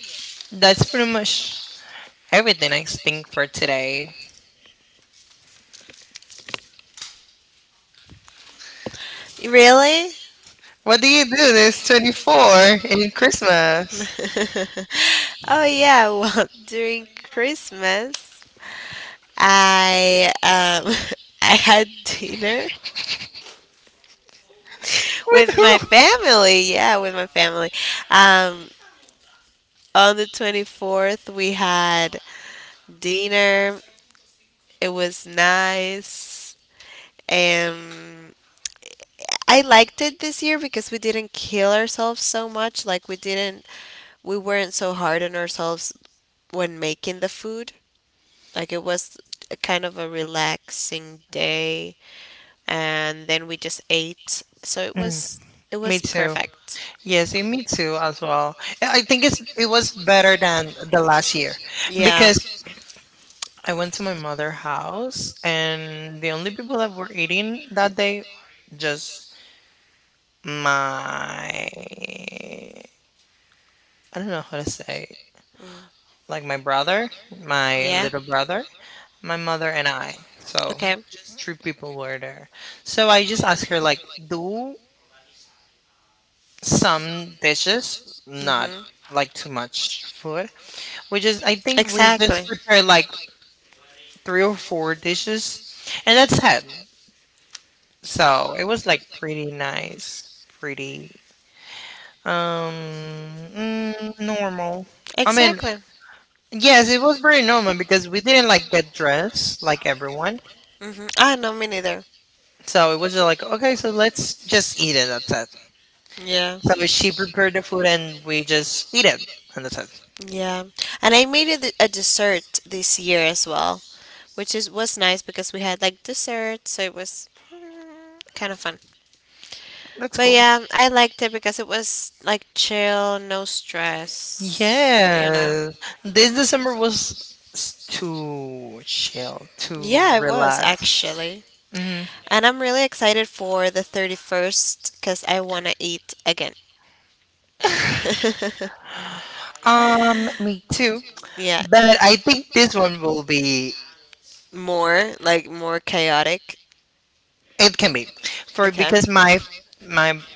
Speaker 2: that's pretty much everything I think for today.
Speaker 1: Really?
Speaker 2: What do you do this 24th in Christmas?
Speaker 1: [LAUGHS] Oh, yeah. Well, [LAUGHS] during Christmas, I [LAUGHS] I had dinner
Speaker 2: With
Speaker 1: with my
Speaker 2: who?
Speaker 1: family. Yeah, with my family. Um, on the 24th, we had dinner. It was nice. And I liked it this year because we didn't kill ourselves so much. Like, we weren't so hard on ourselves when making the food. Like, it was a kind of a relaxing day. And then we just ate. So
Speaker 2: Mm,
Speaker 1: it
Speaker 2: me
Speaker 1: was
Speaker 2: too.
Speaker 1: perfect.
Speaker 2: Yes, and me too as well. I think it was better than the last year
Speaker 1: Yeah.
Speaker 2: because I went to my mother's house, and the only people that were eating that day, just I don't know how to say,
Speaker 1: Mm.
Speaker 2: like my brother, my
Speaker 1: Yeah.
Speaker 2: little brother, my mother, and I. So
Speaker 1: Okay.
Speaker 2: three people were there. So I just asked her, like, do some dishes, not
Speaker 1: Mhm.
Speaker 2: like too much food. We just, I think we just
Speaker 1: Exactly.
Speaker 2: prepared like three or four dishes, and that's it. So, it was, like, pretty nice, pretty, um, normal. I mean
Speaker 1: Exactly.
Speaker 2: yes, it was pretty normal because we didn't, like, get dressed like everyone.
Speaker 1: Hmm. Ah no, me neither.
Speaker 2: So, it was just like, "Okay, so let's just eat it, that's it."
Speaker 1: Yeah,
Speaker 2: So, she prepared the food and we just eat it, and that's it.
Speaker 1: yeah. And I made it a dessert this year as well, which is was nice because we had like dessert, so it was kind of fun.
Speaker 2: That's
Speaker 1: But
Speaker 2: cool.
Speaker 1: yeah, I liked it because it was like chill, no stress, you know.
Speaker 2: Yes. This December was s too chill, too
Speaker 1: Yeah, it was
Speaker 2: relaxed.
Speaker 1: actually.
Speaker 2: Mhm.
Speaker 1: And I'm really excited for the 31st because I want to eat again.
Speaker 2: Me too,
Speaker 1: [LAUGHS] Yeah,
Speaker 2: but I think this one will be
Speaker 1: more, like more chaotic.
Speaker 2: it can be for
Speaker 1: Okay.
Speaker 2: because my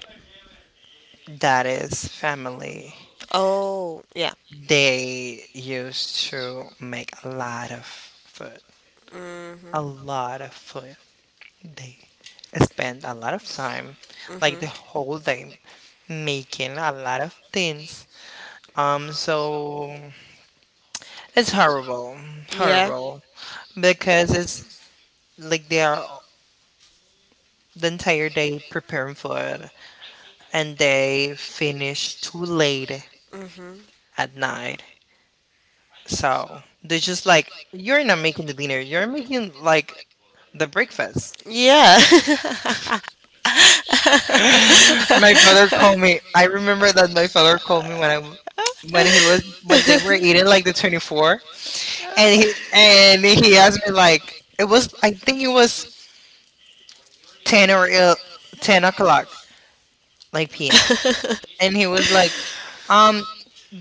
Speaker 2: dad's family
Speaker 1: Oh, yeah.
Speaker 2: they used to make a lot of food, a
Speaker 1: Hmm.
Speaker 2: lot of food. They spend a lot of time, like
Speaker 1: Hmm.
Speaker 2: the whole day, making a lot of things. So it's horrible,
Speaker 1: Yeah.
Speaker 2: horrible because it's like they are the entire day preparing food and they finish too late
Speaker 1: Hmm.
Speaker 2: at night. So they're just like, you're not making the dinner. You're making like the breakfast.
Speaker 1: Yeah.
Speaker 2: [LAUGHS] My father called me. I remember that my father called me when he was when they were eating like the 24th, and he asked me like it was
Speaker 1: [LAUGHS] [LAUGHS]
Speaker 2: 10 or el- 10 o'clock like p.m. And he
Speaker 1: [LAUGHS]
Speaker 2: was like, um,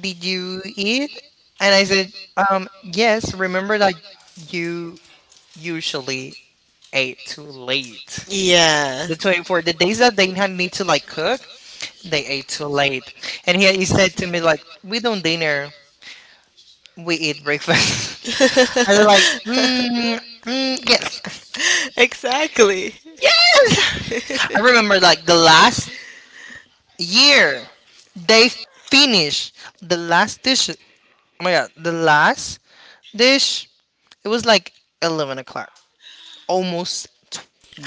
Speaker 2: did you eat? And I said, yes. Remember that you usually ate too late.
Speaker 1: Yeah.
Speaker 2: The 24th, the days that they had need to like cook, they ate too late. And he said to me like we don't dinner, we eat breakfast. [LAUGHS] I was like yes.
Speaker 1: [LAUGHS] Exactly.
Speaker 2: I remember like the last year they finished the last dish. Oh my god, the last dish, it was like 11 o'clock, almost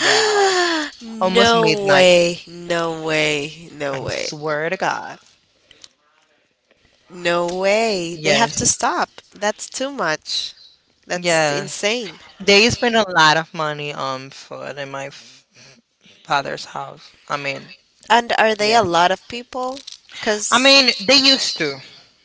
Speaker 2: 12, almost
Speaker 1: No
Speaker 2: midnight.
Speaker 1: way. No way. No
Speaker 2: I
Speaker 1: way.
Speaker 2: swear to god.
Speaker 1: No way. They have
Speaker 2: Yes.
Speaker 1: to stop. That's too much. That's
Speaker 2: Yeah,
Speaker 1: insane.
Speaker 2: they spend a lot of money on food in my father's house. I mean,
Speaker 1: And are they a
Speaker 2: yes.
Speaker 1: lot of people? Because.
Speaker 2: I mean, they used to.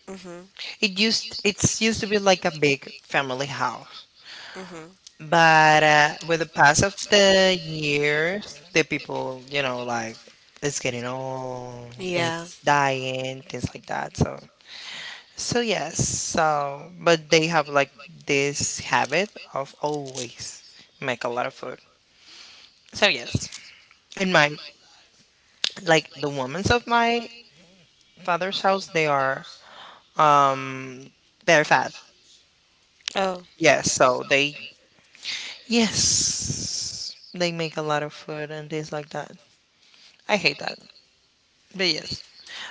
Speaker 1: Hmm.
Speaker 2: It's used to be like a big family house.
Speaker 1: Hmm.
Speaker 2: But with the pass of the years, the people, you know, like it's getting old, it's
Speaker 1: Yeah.
Speaker 2: dying, things like that. So, so yes. So, but they have like this habit of always make a lot of food. So yes, in my like the women's of my father's house, they are um very fat.
Speaker 1: Oh.
Speaker 2: Yes, so they yes, they make a lot of food and things like that. I hate that, but yes,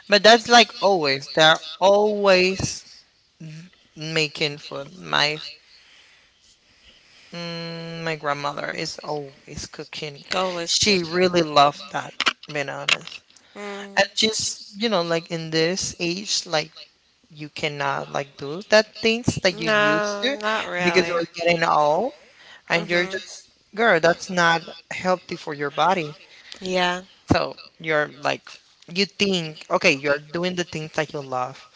Speaker 2: but that's like always, they're always making food. My my grandmother is always
Speaker 1: An.
Speaker 2: cooking.
Speaker 1: Always
Speaker 2: She
Speaker 1: cooking.
Speaker 2: really loved that, being honest.
Speaker 1: Mm.
Speaker 2: And just you know like in this age like you cannot like do that
Speaker 1: No,
Speaker 2: things
Speaker 1: to
Speaker 2: that
Speaker 1: do
Speaker 2: you used to
Speaker 1: not because
Speaker 2: because
Speaker 1: really. Old.
Speaker 2: you're getting old and
Speaker 1: Like you're.
Speaker 2: you're just
Speaker 1: Mhm.
Speaker 2: girl, that's not healthy for your body.
Speaker 1: Yeah,
Speaker 2: So you're like you think okay, you're doing the things that you love,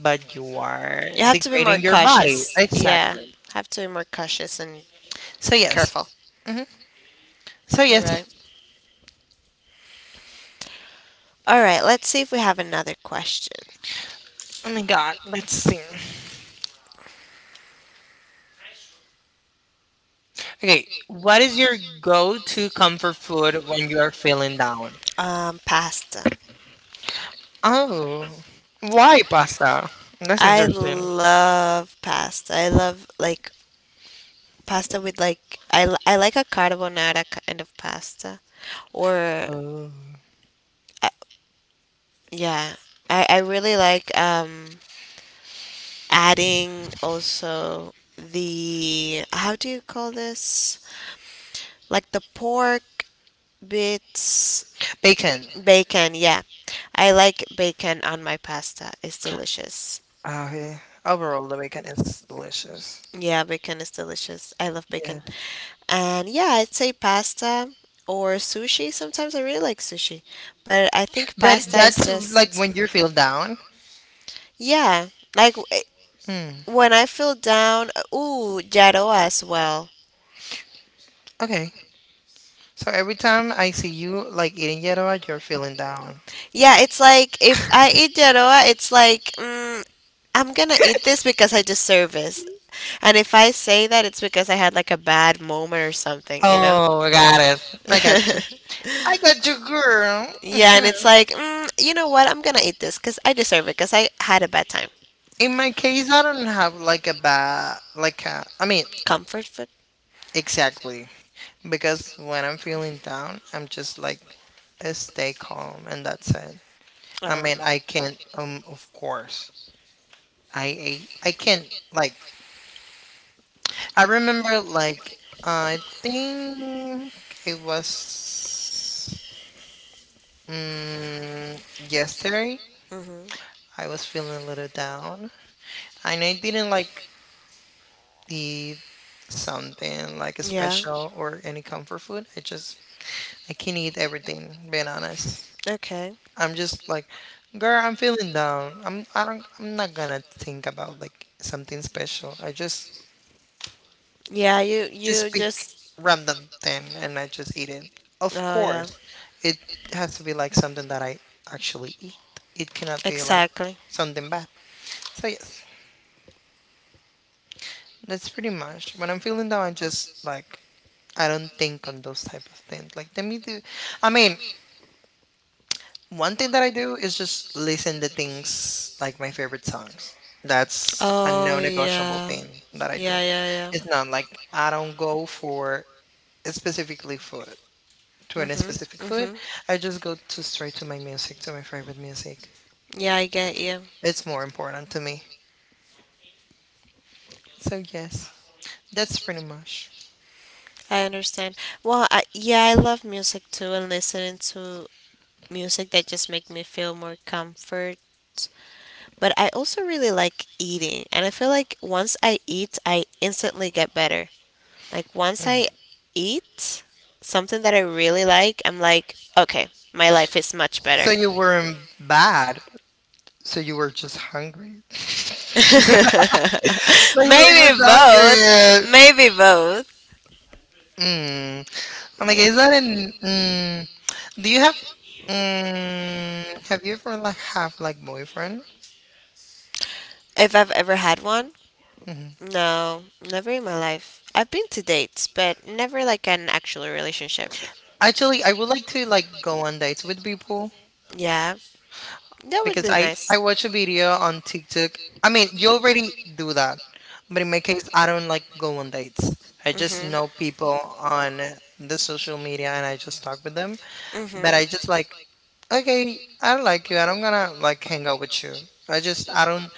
Speaker 2: but you are
Speaker 1: you have to be more
Speaker 2: degrading your
Speaker 1: becoming
Speaker 2: body
Speaker 1: cautious. Exactly. Yeah,
Speaker 2: exactly.
Speaker 1: have to be more cautious and
Speaker 2: So yes.
Speaker 1: careful.
Speaker 2: Hmm. So
Speaker 1: All
Speaker 2: yes.
Speaker 1: right. All right. Let's see if we have another question.
Speaker 2: Oh my god, let's see. Okay, what is your go-to comfort food when you are feeling down?
Speaker 1: Pasta.
Speaker 2: Oh, why pasta? That's
Speaker 1: I
Speaker 2: interesting.
Speaker 1: love pasta. I love like pasta with like I like a carbonara kind of pasta or
Speaker 2: Oh,
Speaker 1: uh, yeah, I really like adding also the how do you call this like the pork bits
Speaker 2: bacon.
Speaker 1: bacon yeah I like bacon on my pasta it's delicious.
Speaker 2: Oh, yeah. Overall the bacon is delicious.
Speaker 1: Yeah bacon is delicious I love bacon and yeah I'd say pasta or sushi sometimes I really like sushi but I think
Speaker 2: But
Speaker 1: pasta
Speaker 2: that's
Speaker 1: is
Speaker 2: like
Speaker 1: just
Speaker 2: when you feel down.
Speaker 1: yeah, like
Speaker 2: Hmm.
Speaker 1: when I feel down, ooh, Jaroa as well.
Speaker 2: Okay. So every time I see you like eating yellow, you're feeling down.
Speaker 1: Yeah, it's like if I eat Jaroa, it's like I'm gonna eat this because I deserve this. And if I say that, it's because I had like a bad moment or something, you know?
Speaker 2: Oh, I got it. I got you.
Speaker 1: [LAUGHS]
Speaker 2: I got you, girl.
Speaker 1: Yeah, and
Speaker 2: Mhm.
Speaker 1: it's like, you know what? I'm gonna eat this because I deserve it because I had a bad time.
Speaker 2: In my case, I don't have like a bad, like a, I mean,
Speaker 1: Comfort food?
Speaker 2: exactly. Because when I'm feeling down, I'm just like, stay calm and that's it. I
Speaker 1: Uh,
Speaker 2: mean, I can't, of course, I can't like I remember like I think it was mm, yesterday.
Speaker 1: mhm.
Speaker 2: I was feeling a little down, and I didn't like eat something like a
Speaker 1: Yeah.
Speaker 2: special or any comfort food. I just I can eat everything. Being honest,
Speaker 1: Okay.
Speaker 2: I'm just like, girl, I'm feeling down. I'm I don't I'm not gonna think about like something special. I just
Speaker 1: Yeah,
Speaker 2: Just
Speaker 1: you
Speaker 2: pick
Speaker 1: just
Speaker 2: random thing and I just eat it. Of
Speaker 1: oh yeah.
Speaker 2: course, it has to be like something that I actually eat. It cannot be like
Speaker 1: Exactly.
Speaker 2: something bad. So yes, that's pretty much. When I'm feeling down, I just like I don't think on those type of things. Like let me do. I mean, one thing that I do is just listen to things like my favorite songs. That's a
Speaker 1: Oh
Speaker 2: no-negotiable
Speaker 1: yeah.
Speaker 2: thing that I do.
Speaker 1: Yeah, yeah, yeah.
Speaker 2: It's not like I don't go for specifically food. To any
Speaker 1: Mhm.
Speaker 2: specific food.
Speaker 1: Mhm.
Speaker 2: I just go to straight to my music, to my favorite music.
Speaker 1: Yeah, I get you.
Speaker 2: It's more important to me. So yes, that's pretty much.
Speaker 1: I understand. Well, yeah, I love music too and listening to music that just make me feel more comfort. But I also really like eating, and I feel like once I eat, I instantly get better. Like once
Speaker 2: Mm.
Speaker 1: I eat something that I really like, I'm like, okay, my life is much better.
Speaker 2: So you weren't bad. So you were just hungry. [LAUGHS]
Speaker 1: [LAUGHS]
Speaker 2: So you were
Speaker 1: Maybe
Speaker 2: just
Speaker 1: both.
Speaker 2: hungry.
Speaker 1: Maybe both.
Speaker 2: Mm. I'm like,
Speaker 1: Yeah.
Speaker 2: is that an? Mm. Do you have? Have you ever like have like boyfriend?
Speaker 1: If I've ever had one,
Speaker 2: Hmm.
Speaker 1: no, never in my life. I've been to dates, but never like an actual relationship.
Speaker 2: Actually, I would like to like go on dates with people.
Speaker 1: Yeah. That would
Speaker 2: because
Speaker 1: be
Speaker 2: I
Speaker 1: nice.
Speaker 2: I watch a video on TikTok. I mean, you already do that, but in my case, I don't like go on dates. I just
Speaker 1: Mhm.
Speaker 2: know people on the social media and I just talk with them.
Speaker 1: Mhm.
Speaker 2: But I just like, okay, I don't like you. I don't gonna like hang out with you. I just I don't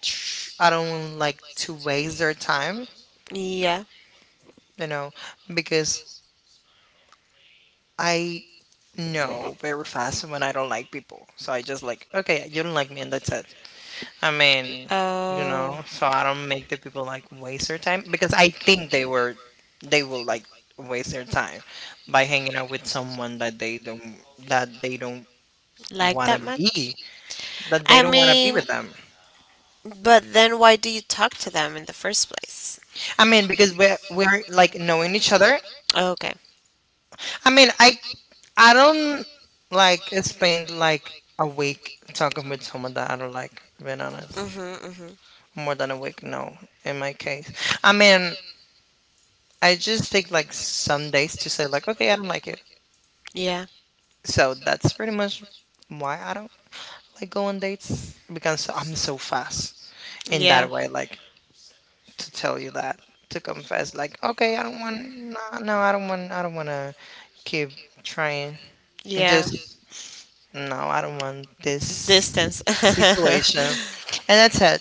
Speaker 2: tr- I don't like to waste their time,
Speaker 1: Yeah.
Speaker 2: you know, because I know very fast when I don't like people. So I just like, okay, you don't like me, and that's it. I mean,
Speaker 1: Uh,
Speaker 2: so I don't make the people like waste their time because I think they will like waste their time by hanging out with someone that they don't
Speaker 1: like
Speaker 2: want to
Speaker 1: that much?
Speaker 2: be that they
Speaker 1: I
Speaker 2: don't want to be
Speaker 1: mean,
Speaker 2: with them.
Speaker 1: but then why do you talk to them in the first place?
Speaker 2: I mean, because we're like knowing each other.
Speaker 1: Okay.
Speaker 2: I mean, I don't like spend like a week talking with someone that I don't like. Being honest,
Speaker 1: Mhm. Mhm.
Speaker 2: more than a week, no. In my case, I mean, I just take like some days to say like, okay, I don't like it.
Speaker 1: Yeah.
Speaker 2: So that's pretty much why I don't like go on dates because I'm so fast in
Speaker 1: Yeah.
Speaker 2: that way. Like to tell you that to confess, like, okay, I don't want, no, no, I don't want to keep trying. And
Speaker 1: Yeah.
Speaker 2: just no, I don't want this
Speaker 1: Distance. [LAUGHS] Uh
Speaker 2: situation, and that's it.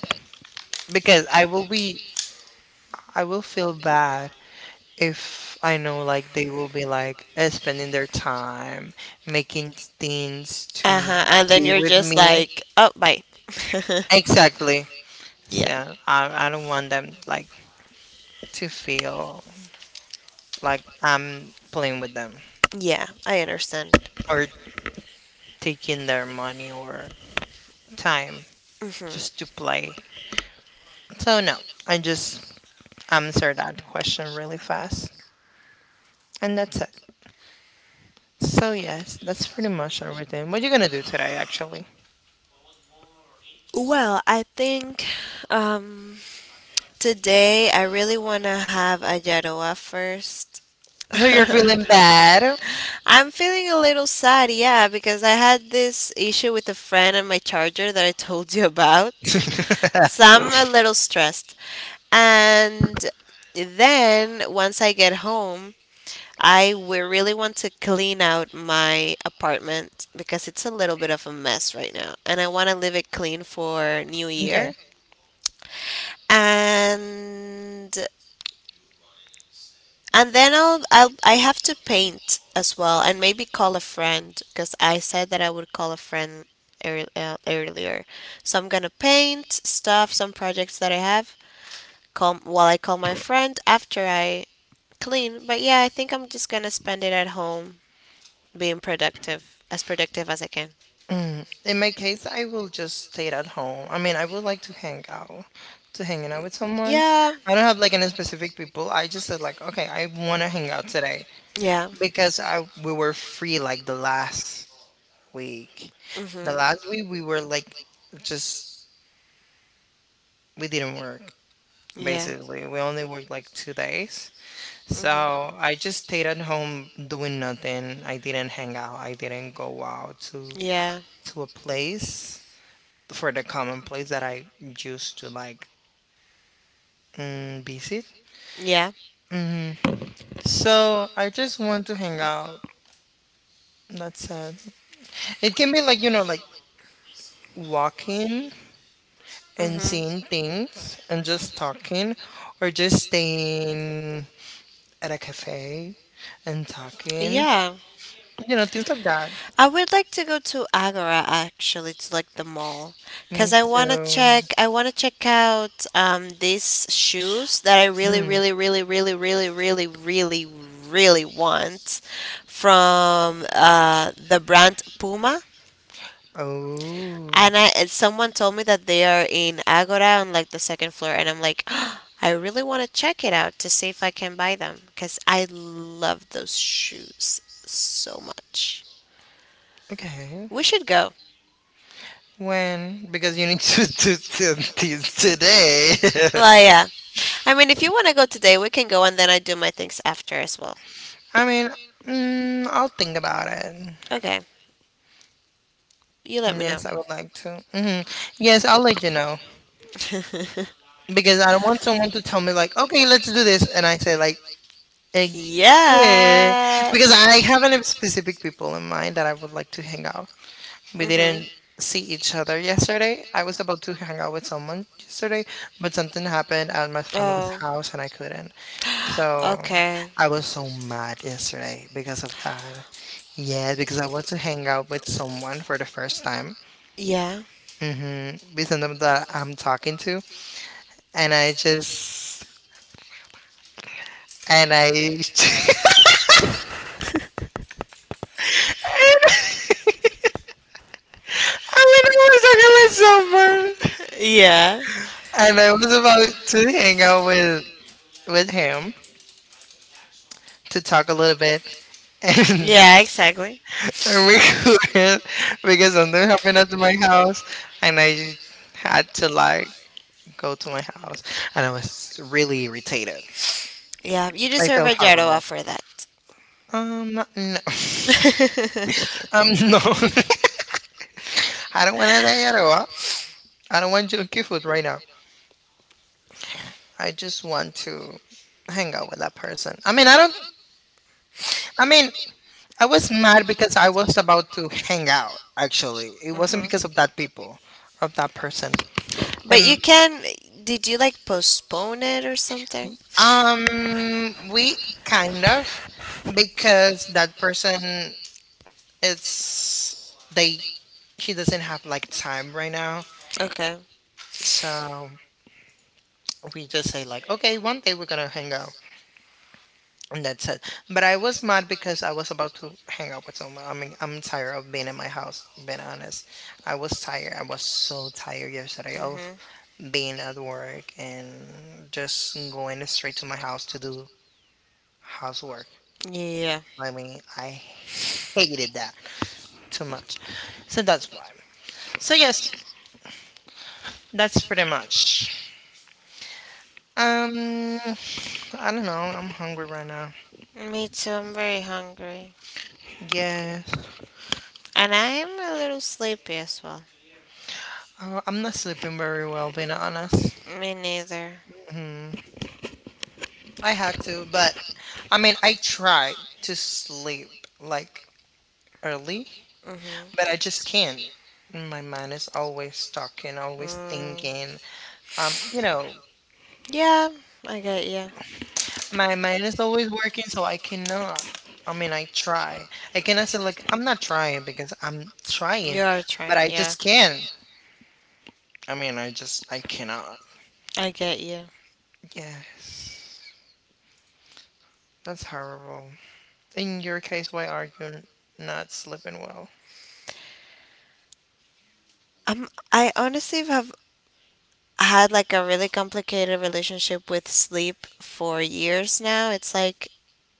Speaker 2: Because I will feel bad if I know like they will be like spending their time making things to
Speaker 1: huh. And then
Speaker 2: be
Speaker 1: you're
Speaker 2: with
Speaker 1: just
Speaker 2: me.
Speaker 1: like, oh, bye. [LAUGHS]
Speaker 2: Exactly.
Speaker 1: Yeah.
Speaker 2: So I don't want them like to feel like I'm playing with them
Speaker 1: Yeah, I understand.
Speaker 2: or taking their money or time
Speaker 1: Mhm.
Speaker 2: just to play. So no, I just answer that question really fast and that's it. So yes, that's pretty much everything. What you gonna do today actually?
Speaker 1: Well, I think um, today I really want to have a Yaroa first.
Speaker 2: So
Speaker 1: [LAUGHS]
Speaker 2: you're feeling bad?
Speaker 1: I'm feeling a little sad, yeah, because I had this issue with a friend and my charger that I told you about. So I'm a little stressed. And then once I get home, really want to clean out my apartment because it's a little bit of a mess right now, and I want to leave it clean for New
Speaker 2: Okay.
Speaker 1: Year. And and then I'll I have to paint as well, and maybe call a friend because I said that I would call a friend earlier. So I'm gonna paint stuff, some projects that I have. Call while I call my friend after I clean. But yeah, I think I'm just gonna spend it at home being productive as I can.
Speaker 2: Mm. In my case, I will just stay at home. I mean, I would like to hang out, to hanging out with someone.
Speaker 1: Yeah,
Speaker 2: I don't have like any specific people. I just said like, okay, I want to hang out today
Speaker 1: yeah,
Speaker 2: because I we were free like the last week.
Speaker 1: hmm
Speaker 2: The last week we were like just we didn't work
Speaker 1: yeah,
Speaker 2: basically. We only worked like 2 days.
Speaker 1: hmm
Speaker 2: So I just stayed at home doing nothing. I didn't hang out. I didn't go out to
Speaker 1: yeah,
Speaker 2: a place. For the common place that I used to like visit.
Speaker 1: yeah,
Speaker 2: So I just want to hang out. That's it. It can be like like walking and seeing
Speaker 1: hmm
Speaker 2: things and just talking, or just staying at a cafe and talking.
Speaker 1: yeah.
Speaker 2: You know, things like that.
Speaker 1: I would like to go to Agora actually to like the mall because
Speaker 2: Me too.
Speaker 1: I want to check out these shoes that I really
Speaker 2: Hmm.
Speaker 1: really really really really really really really want from the brand Puma,
Speaker 2: Oh.
Speaker 1: and I and someone told me that they are in Agora on like the second floor, and I'm like [GASPS] I really want to check it out to see if I can buy them because I love those shoes so much.
Speaker 2: Okay.
Speaker 1: We should go.
Speaker 2: When? Because you need [LAUGHS] to do this today.
Speaker 1: Well,
Speaker 2: [LAUGHS]
Speaker 1: yeah. I mean, if you want to go today, we can go and then I do my things after as well.
Speaker 2: I mean, I'll think about it.
Speaker 1: Okay. You let me know.
Speaker 2: Yes, I would like to. Hmm. Yes, I'll let you know because I don't want someone to tell me like, okay, let's do this, and I say like,
Speaker 1: [LAUGHS]
Speaker 2: okay,
Speaker 1: Yeah.
Speaker 2: because I have a specific people in mind that I would like to hang out. We
Speaker 1: Mhm.
Speaker 2: didn't see each other yesterday. I was about to hang out with someone yesterday, but something happened at my family's
Speaker 1: Oh.
Speaker 2: house and I couldn't. So
Speaker 1: [GASPS] Okay.
Speaker 2: I was so mad yesterday because of that. Yeah, because I was to hang out with someone for the first time,
Speaker 1: Yeah.
Speaker 2: mhm, with someone that I'm talking to, and I just and I [LAUGHS] I mean, I was talking with someone,
Speaker 1: Yeah.
Speaker 2: and I was about to hang out with him to talk a little bit, and,
Speaker 1: Yeah, exactly.
Speaker 2: [LAUGHS] and we couldn't because something happened at my house, and I just had to like go to my house, and I was really irritated.
Speaker 1: Yeah, you
Speaker 2: I
Speaker 1: deserve a
Speaker 2: felt
Speaker 1: job
Speaker 2: horrible.
Speaker 1: offer that.
Speaker 2: No,
Speaker 1: [LAUGHS]
Speaker 2: [LAUGHS] No. [LAUGHS] I don't want to say it all. I don't want junky food right now. I just want to hang out with that person. I mean, I don't. I mean, I was mad because I was about to hang out. Actually, it wasn't because
Speaker 1: Mhm.
Speaker 2: of that person.
Speaker 1: But you
Speaker 2: And
Speaker 1: can did you like postpone it or something?
Speaker 2: we kind of because that person is they. She doesn't have like time right now,
Speaker 1: Okay.
Speaker 2: so we just say like, okay, one day we're gonna hang out. And that's it. But I was mad because I was about to hang out with someone. I mean, I'm tired of being in my house, being honest. I was tired. I was so tired yesterday of
Speaker 1: Mm-hmm.
Speaker 2: being at work and just going straight to my house to do housework.
Speaker 1: Yeah.
Speaker 2: I mean, I hated that too much. So that's why. So, yes, that's pretty much. Um, I don't know. I'm hungry right now.
Speaker 1: Me too. I'm very hungry.
Speaker 2: Yeah.
Speaker 1: And I am a little sleepy as well.
Speaker 2: I'm not sleeping very well, being honest.
Speaker 1: Me neither.
Speaker 2: Mm-hmm. I had to, but I mean, I try to sleep like early,
Speaker 1: Mm-hmm.
Speaker 2: but I just can't. My mind is always talking, always
Speaker 1: Mm.
Speaker 2: thinking. Um, you know,
Speaker 1: Yeah, I get you.
Speaker 2: my mind is always working, so I cannot. I mean, I try. I cannot say like I'm not trying because I'm
Speaker 1: You
Speaker 2: trying,
Speaker 1: are
Speaker 2: but
Speaker 1: trying.
Speaker 2: I
Speaker 1: Yeah,
Speaker 2: just can't. I mean, I cannot.
Speaker 1: I get you.
Speaker 2: Yes, that's horrible. In your case, why are you not sleeping well?
Speaker 1: I honestly have had like a really complicated relationship with sleep for years now. It's like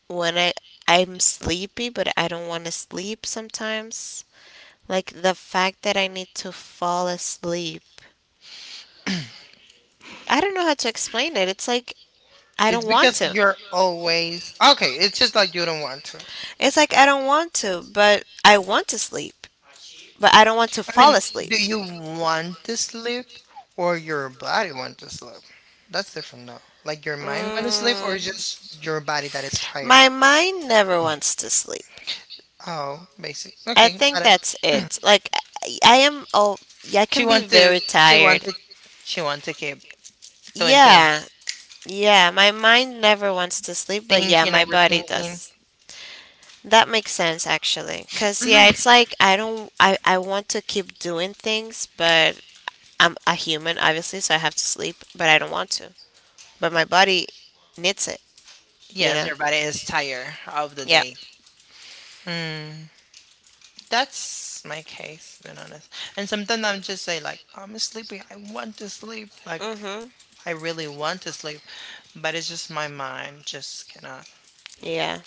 Speaker 1: when I I'm sleepy but I don't want to sleep sometimes. Like the fact that I need to fall asleep. I don't know how to explain it. It's like I
Speaker 2: It's
Speaker 1: don't want
Speaker 2: because
Speaker 1: to.
Speaker 2: you're always okay. It's just that you don't want to. I
Speaker 1: It's like I don't want to, but I want to sleep, but I don't want to fall
Speaker 2: mean,
Speaker 1: asleep.
Speaker 2: do you want to sleep or your body want to sleep? That's different though. Like your mind want to sleep or
Speaker 1: Mm,
Speaker 2: it's just your body that is tired.
Speaker 1: my mind never wants to sleep.
Speaker 2: Oh, basic.
Speaker 1: I
Speaker 2: Okay,
Speaker 1: think
Speaker 2: got it.
Speaker 1: that's it. Like I am I
Speaker 2: She
Speaker 1: can be
Speaker 2: want to.
Speaker 1: very
Speaker 2: She
Speaker 1: tired.
Speaker 2: wanted. She want to keep doing things,
Speaker 1: Yeah, yeah, my mind never wants to sleep, but yeah,
Speaker 2: thinking,
Speaker 1: my body
Speaker 2: overthinking.
Speaker 1: does. That makes sense actually, cause yeah, it's like I don't I want to keep doing things, but I'm a human obviously, so I have to sleep, but I don't want to. But my body needs it, you
Speaker 2: Yes,
Speaker 1: know.
Speaker 2: your body is tired of the
Speaker 1: Yeah.
Speaker 2: day. Mm, that's my case, being honest. And sometimes I'm just say like I'm sleepy. I want to sleep. Like
Speaker 1: Mhm.
Speaker 2: I really want to sleep, but it's just my mind just cannot.
Speaker 1: Yeah.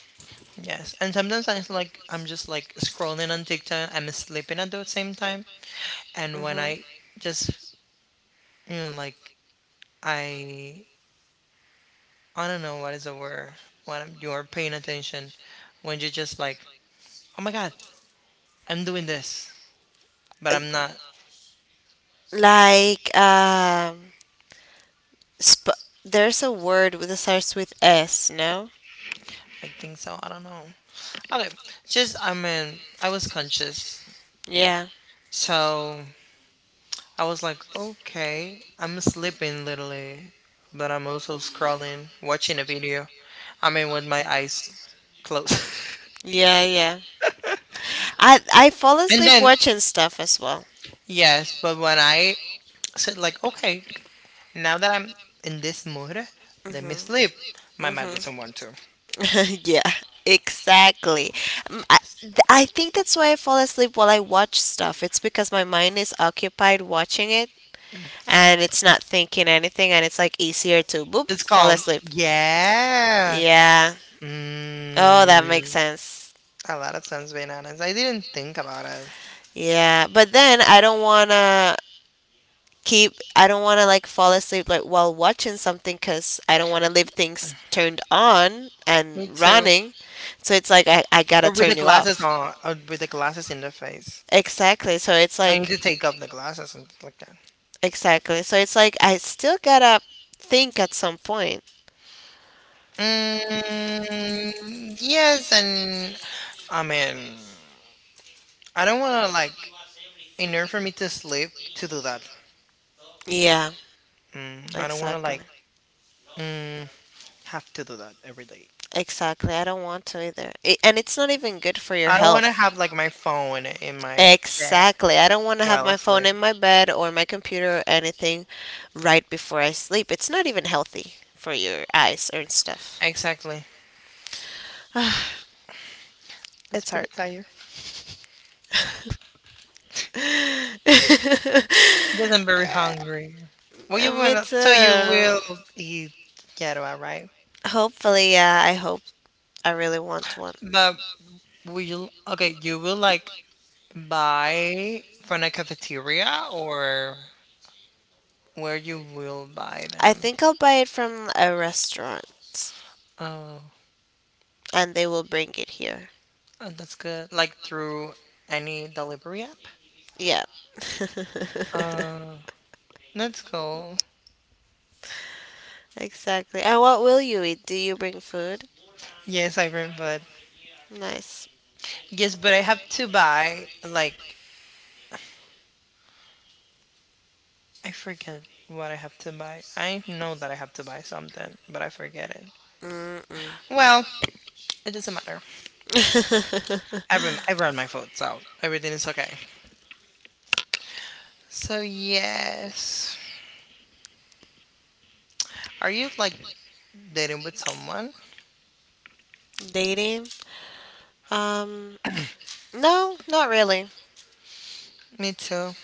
Speaker 2: Yes. And sometimes I'm like I'm just like scrolling on TikTok, I'm sleeping at the same time. And when
Speaker 1: Mhm.
Speaker 2: I just you know, like I I don't know what is the word when I'm, you're paying attention when you're just like, oh my god, I'm doing this but I'm not.
Speaker 1: Like sp- there's a word that starts with S, no?
Speaker 2: I think so. I don't know. Okay. Just I mean I was conscious.
Speaker 1: Yeah.
Speaker 2: So I was like, okay, I'm sleeping literally, but I'm also scrolling, watching a video. I mean, with my eyes closed.
Speaker 1: Yeah, yeah. I fall
Speaker 2: [LAUGHS] And
Speaker 1: asleep
Speaker 2: then,
Speaker 1: watching stuff as well.
Speaker 2: yes, but when I said, like, okay, now that I'm in this mood, let me
Speaker 1: Mhm.
Speaker 2: sleep, my mind doesn't want to.
Speaker 1: Mhm. [LAUGHS] yeah. Exactly. I think that's why I fall asleep while I watch stuff. It's because my mind is occupied watching it and it's not thinking anything and it's like easier to boop
Speaker 2: It's
Speaker 1: fall
Speaker 2: calm.
Speaker 1: asleep.
Speaker 2: Yeah.
Speaker 1: Yeah. Oh, that makes
Speaker 2: Mm,
Speaker 1: sense.
Speaker 2: a lot of times, being honest, I didn't think about it.
Speaker 1: Yeah, but then I don't want to like fall asleep like while watching something cuz I don't want to leave things turned on and
Speaker 2: Me too.
Speaker 1: running. So it's like I got to
Speaker 2: Or with the
Speaker 1: turn you
Speaker 2: glasses
Speaker 1: off.
Speaker 2: on, or with the glasses in the face.
Speaker 1: Exactly. So it's
Speaker 2: I need
Speaker 1: like
Speaker 2: to take off the glasses and like that.
Speaker 1: exactly. So it's like I still got to think at some point.
Speaker 2: Yes, and I mean, I don't want to like, in order for me to sleep, to do that.
Speaker 1: Yeah,
Speaker 2: I don't want to
Speaker 1: exactly.
Speaker 2: like, mm, have to do that every day.
Speaker 1: Exactly. I don't want to either. I And it's not even good for your
Speaker 2: I don't want to
Speaker 1: health.
Speaker 2: have like my phone in my bed
Speaker 1: Exactly. I don't want to have
Speaker 2: while
Speaker 1: my phone
Speaker 2: asleep.
Speaker 1: in my bed or my computer or anything right before I sleep. It's not even healthy for your eyes and stuff.
Speaker 2: Exactly.
Speaker 1: [SIGHS]
Speaker 2: It's
Speaker 1: It's hard.
Speaker 2: pretty tired. Yes,
Speaker 1: [LAUGHS]
Speaker 2: I'm very hungry. Well, you will.
Speaker 1: It's
Speaker 2: So you
Speaker 1: Me
Speaker 2: will eat ghetto, right?
Speaker 1: too, hopefully, yeah. I hope. I really want one.
Speaker 2: But will you? Okay, you will like buy from a cafeteria or where you will buy
Speaker 1: I
Speaker 2: them?
Speaker 1: think I'll buy it from a restaurant,
Speaker 2: Oh,
Speaker 1: and they will bring it here.
Speaker 2: oh, that's good. Like through any delivery app?
Speaker 1: Yeah. [LAUGHS]
Speaker 2: Uh, that's cool.
Speaker 1: Exactly. And what will you eat? Do you bring food?
Speaker 2: Yes, I bring food.
Speaker 1: Nice.
Speaker 2: Yes, but I have to buy, like, I forget what I have to buy. I know that I have to buy something, but I forget it.
Speaker 1: Mm-mm.
Speaker 2: Well, it doesn't matter. I
Speaker 1: [LAUGHS]
Speaker 2: brought my food, so everything is okay. So yes, are you like dating with someone?
Speaker 1: Dating? Um, no, not really.
Speaker 2: Me too.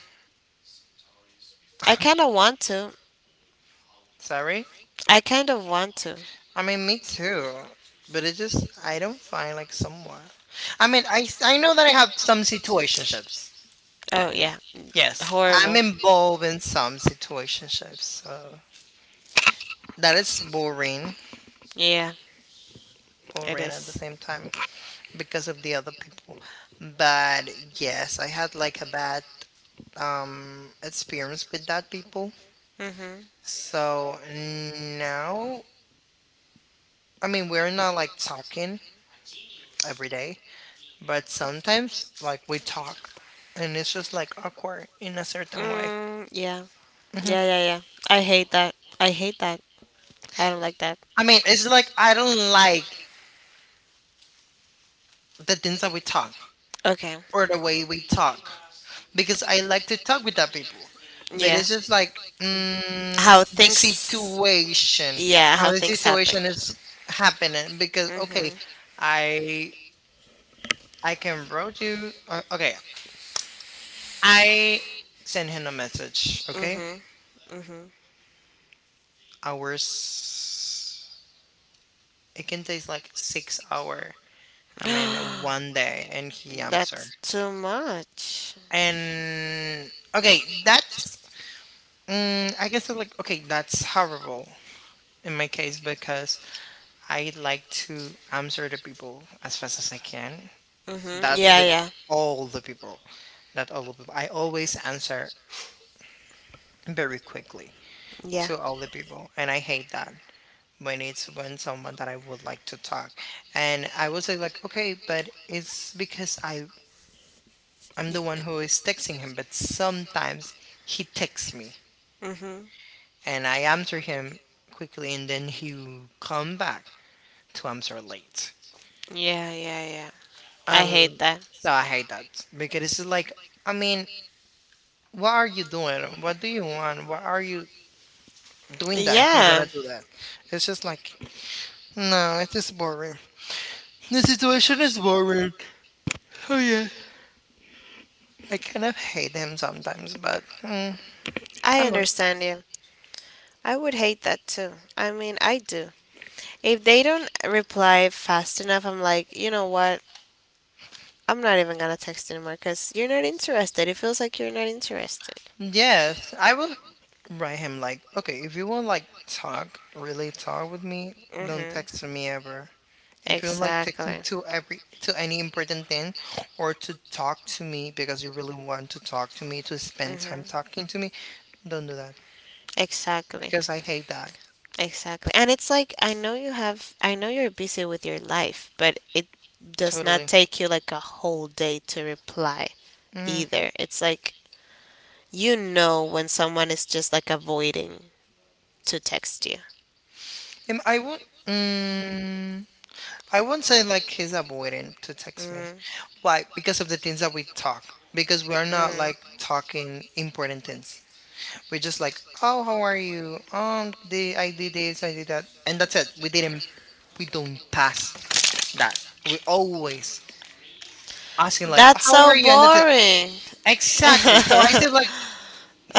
Speaker 1: I kind of want to.
Speaker 2: Sorry?
Speaker 1: I kind of want to.
Speaker 2: I mean, me too. But it just, I don't find like someone. I mean, I know that I have some situationships.
Speaker 1: Oh yeah,
Speaker 2: Yes, I'm
Speaker 1: horrible.
Speaker 2: involved in some situationships. So that is boring,
Speaker 1: Yeah, it
Speaker 2: boring at the
Speaker 1: is.
Speaker 2: same time because of the other people. But yes, I had like a bad experience with that people.
Speaker 1: Mhm.
Speaker 2: So now, I mean, we're not like talking every day, but sometimes, like, we talk and it's just like awkward in a certain way.
Speaker 1: Mm, yeah. Yeah, yeah, yeah. I hate that. I hate that. I don't like that.
Speaker 2: I mean, it's like I don't like the things that we talk
Speaker 1: Okay.
Speaker 2: or the way we talk because I like to talk with that people. But
Speaker 1: Yeah.
Speaker 2: it's just like
Speaker 1: How
Speaker 2: the
Speaker 1: things.
Speaker 2: situation,
Speaker 1: Yeah,
Speaker 2: how
Speaker 1: how
Speaker 2: the
Speaker 1: things happen.
Speaker 2: situation is happening. Because okay,
Speaker 1: Mhm.
Speaker 2: I I can wrote you. Okay, I send him a message. Okay,
Speaker 1: Mhm. Mhm.
Speaker 2: hours. It can take like 6 hours I mean, one day and he
Speaker 1: [GASPS]
Speaker 2: answered.
Speaker 1: That's too much.
Speaker 2: And okay, that's I guess I'm like okay, that's horrible in my case because I like to answer the people as fast as I can.
Speaker 1: Mhm.
Speaker 2: That's
Speaker 1: Yeah,
Speaker 2: with
Speaker 1: yeah.
Speaker 2: all the people. That all the people. I always answer very quickly
Speaker 1: Yeah.
Speaker 2: to all the people, and I hate that when it's when someone that I would like to talk. And I would say like, okay, but it's because I'm the one who is texting him, but sometimes he texts me
Speaker 1: Mm-hmm.
Speaker 2: and I answer him quickly and then he will come back to answer late.
Speaker 1: Yeah, yeah, yeah. I hate
Speaker 2: Um,
Speaker 1: that.
Speaker 2: so I hate that because it's like, I mean, what are you doing? What do you want? Why are you doing that if you're
Speaker 1: Yeah,
Speaker 2: gonna do that? It's just like, no, it's just boring. The situation is boring. Oh yeah, I kind of hate him sometimes, but I
Speaker 1: I
Speaker 2: don't know.
Speaker 1: understand you. I would hate that too. I mean, I do. If they don't reply fast enough, I'm like, you know what? I'm not even gonna text anymore because you're not interested. It feels like you're not interested.
Speaker 2: Yes, I will. Write him like, okay, if you want like talk, really talk with me, don't
Speaker 1: Mm-hmm.
Speaker 2: text me ever. If you like text me
Speaker 1: Exactly.
Speaker 2: to any important thing or to talk to me because you really want to talk to me, to spend time
Speaker 1: Mm-hmm.
Speaker 2: talking to me, don't do that.
Speaker 1: Exactly.
Speaker 2: Because I hate that.
Speaker 1: Exactly. And it's like I know you're busy with your life, but it does not
Speaker 2: Totally.
Speaker 1: take you like a whole day to reply
Speaker 2: Mm.
Speaker 1: either. It's like you know when someone is just like avoiding to text you.
Speaker 2: And I won't say like he's avoiding to text me.
Speaker 1: Mm,
Speaker 2: Why? Because of the things that we talk. Because we are not
Speaker 1: mm.
Speaker 2: like talking important things. We just like, oh, how are you? The I did this, I did that, and that's it. We don't pass that. We always asking like,
Speaker 1: That's
Speaker 2: how
Speaker 1: so
Speaker 2: are you? And that's it.
Speaker 1: boring.
Speaker 2: Exactly. So I
Speaker 1: [LAUGHS]
Speaker 2: said like,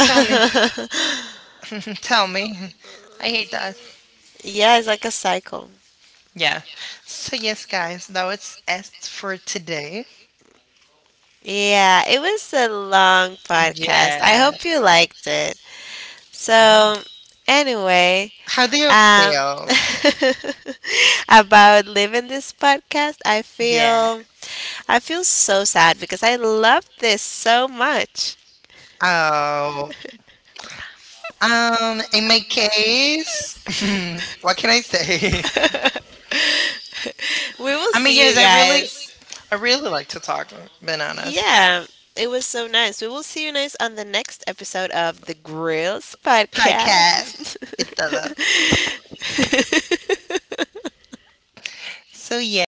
Speaker 2: tell me, [LAUGHS] tell me. [LAUGHS] I hate that.
Speaker 1: yeah, it's like a cycle.
Speaker 2: Yeah. So yes, guys, that was it for today.
Speaker 1: Yeah, it was a long podcast. I
Speaker 2: Yeah.
Speaker 1: hope you liked it. So, anyway,
Speaker 2: How do you
Speaker 1: um,
Speaker 2: feel?
Speaker 1: [LAUGHS] about leaving this podcast,
Speaker 2: Yes.
Speaker 1: I feel so sad because I love this so much.
Speaker 2: Oh, in my case,
Speaker 1: [LAUGHS]
Speaker 2: [LAUGHS] what can I say?
Speaker 1: we will
Speaker 2: [LAUGHS] I mean,
Speaker 1: see you
Speaker 2: yes, I really
Speaker 1: guys.
Speaker 2: I really like to talk bananas
Speaker 1: Yeah, it was so nice. We will see you guys on the next episode of the Grills Podcast.
Speaker 2: podcast. It's other.
Speaker 1: [LAUGHS]
Speaker 2: So yeah.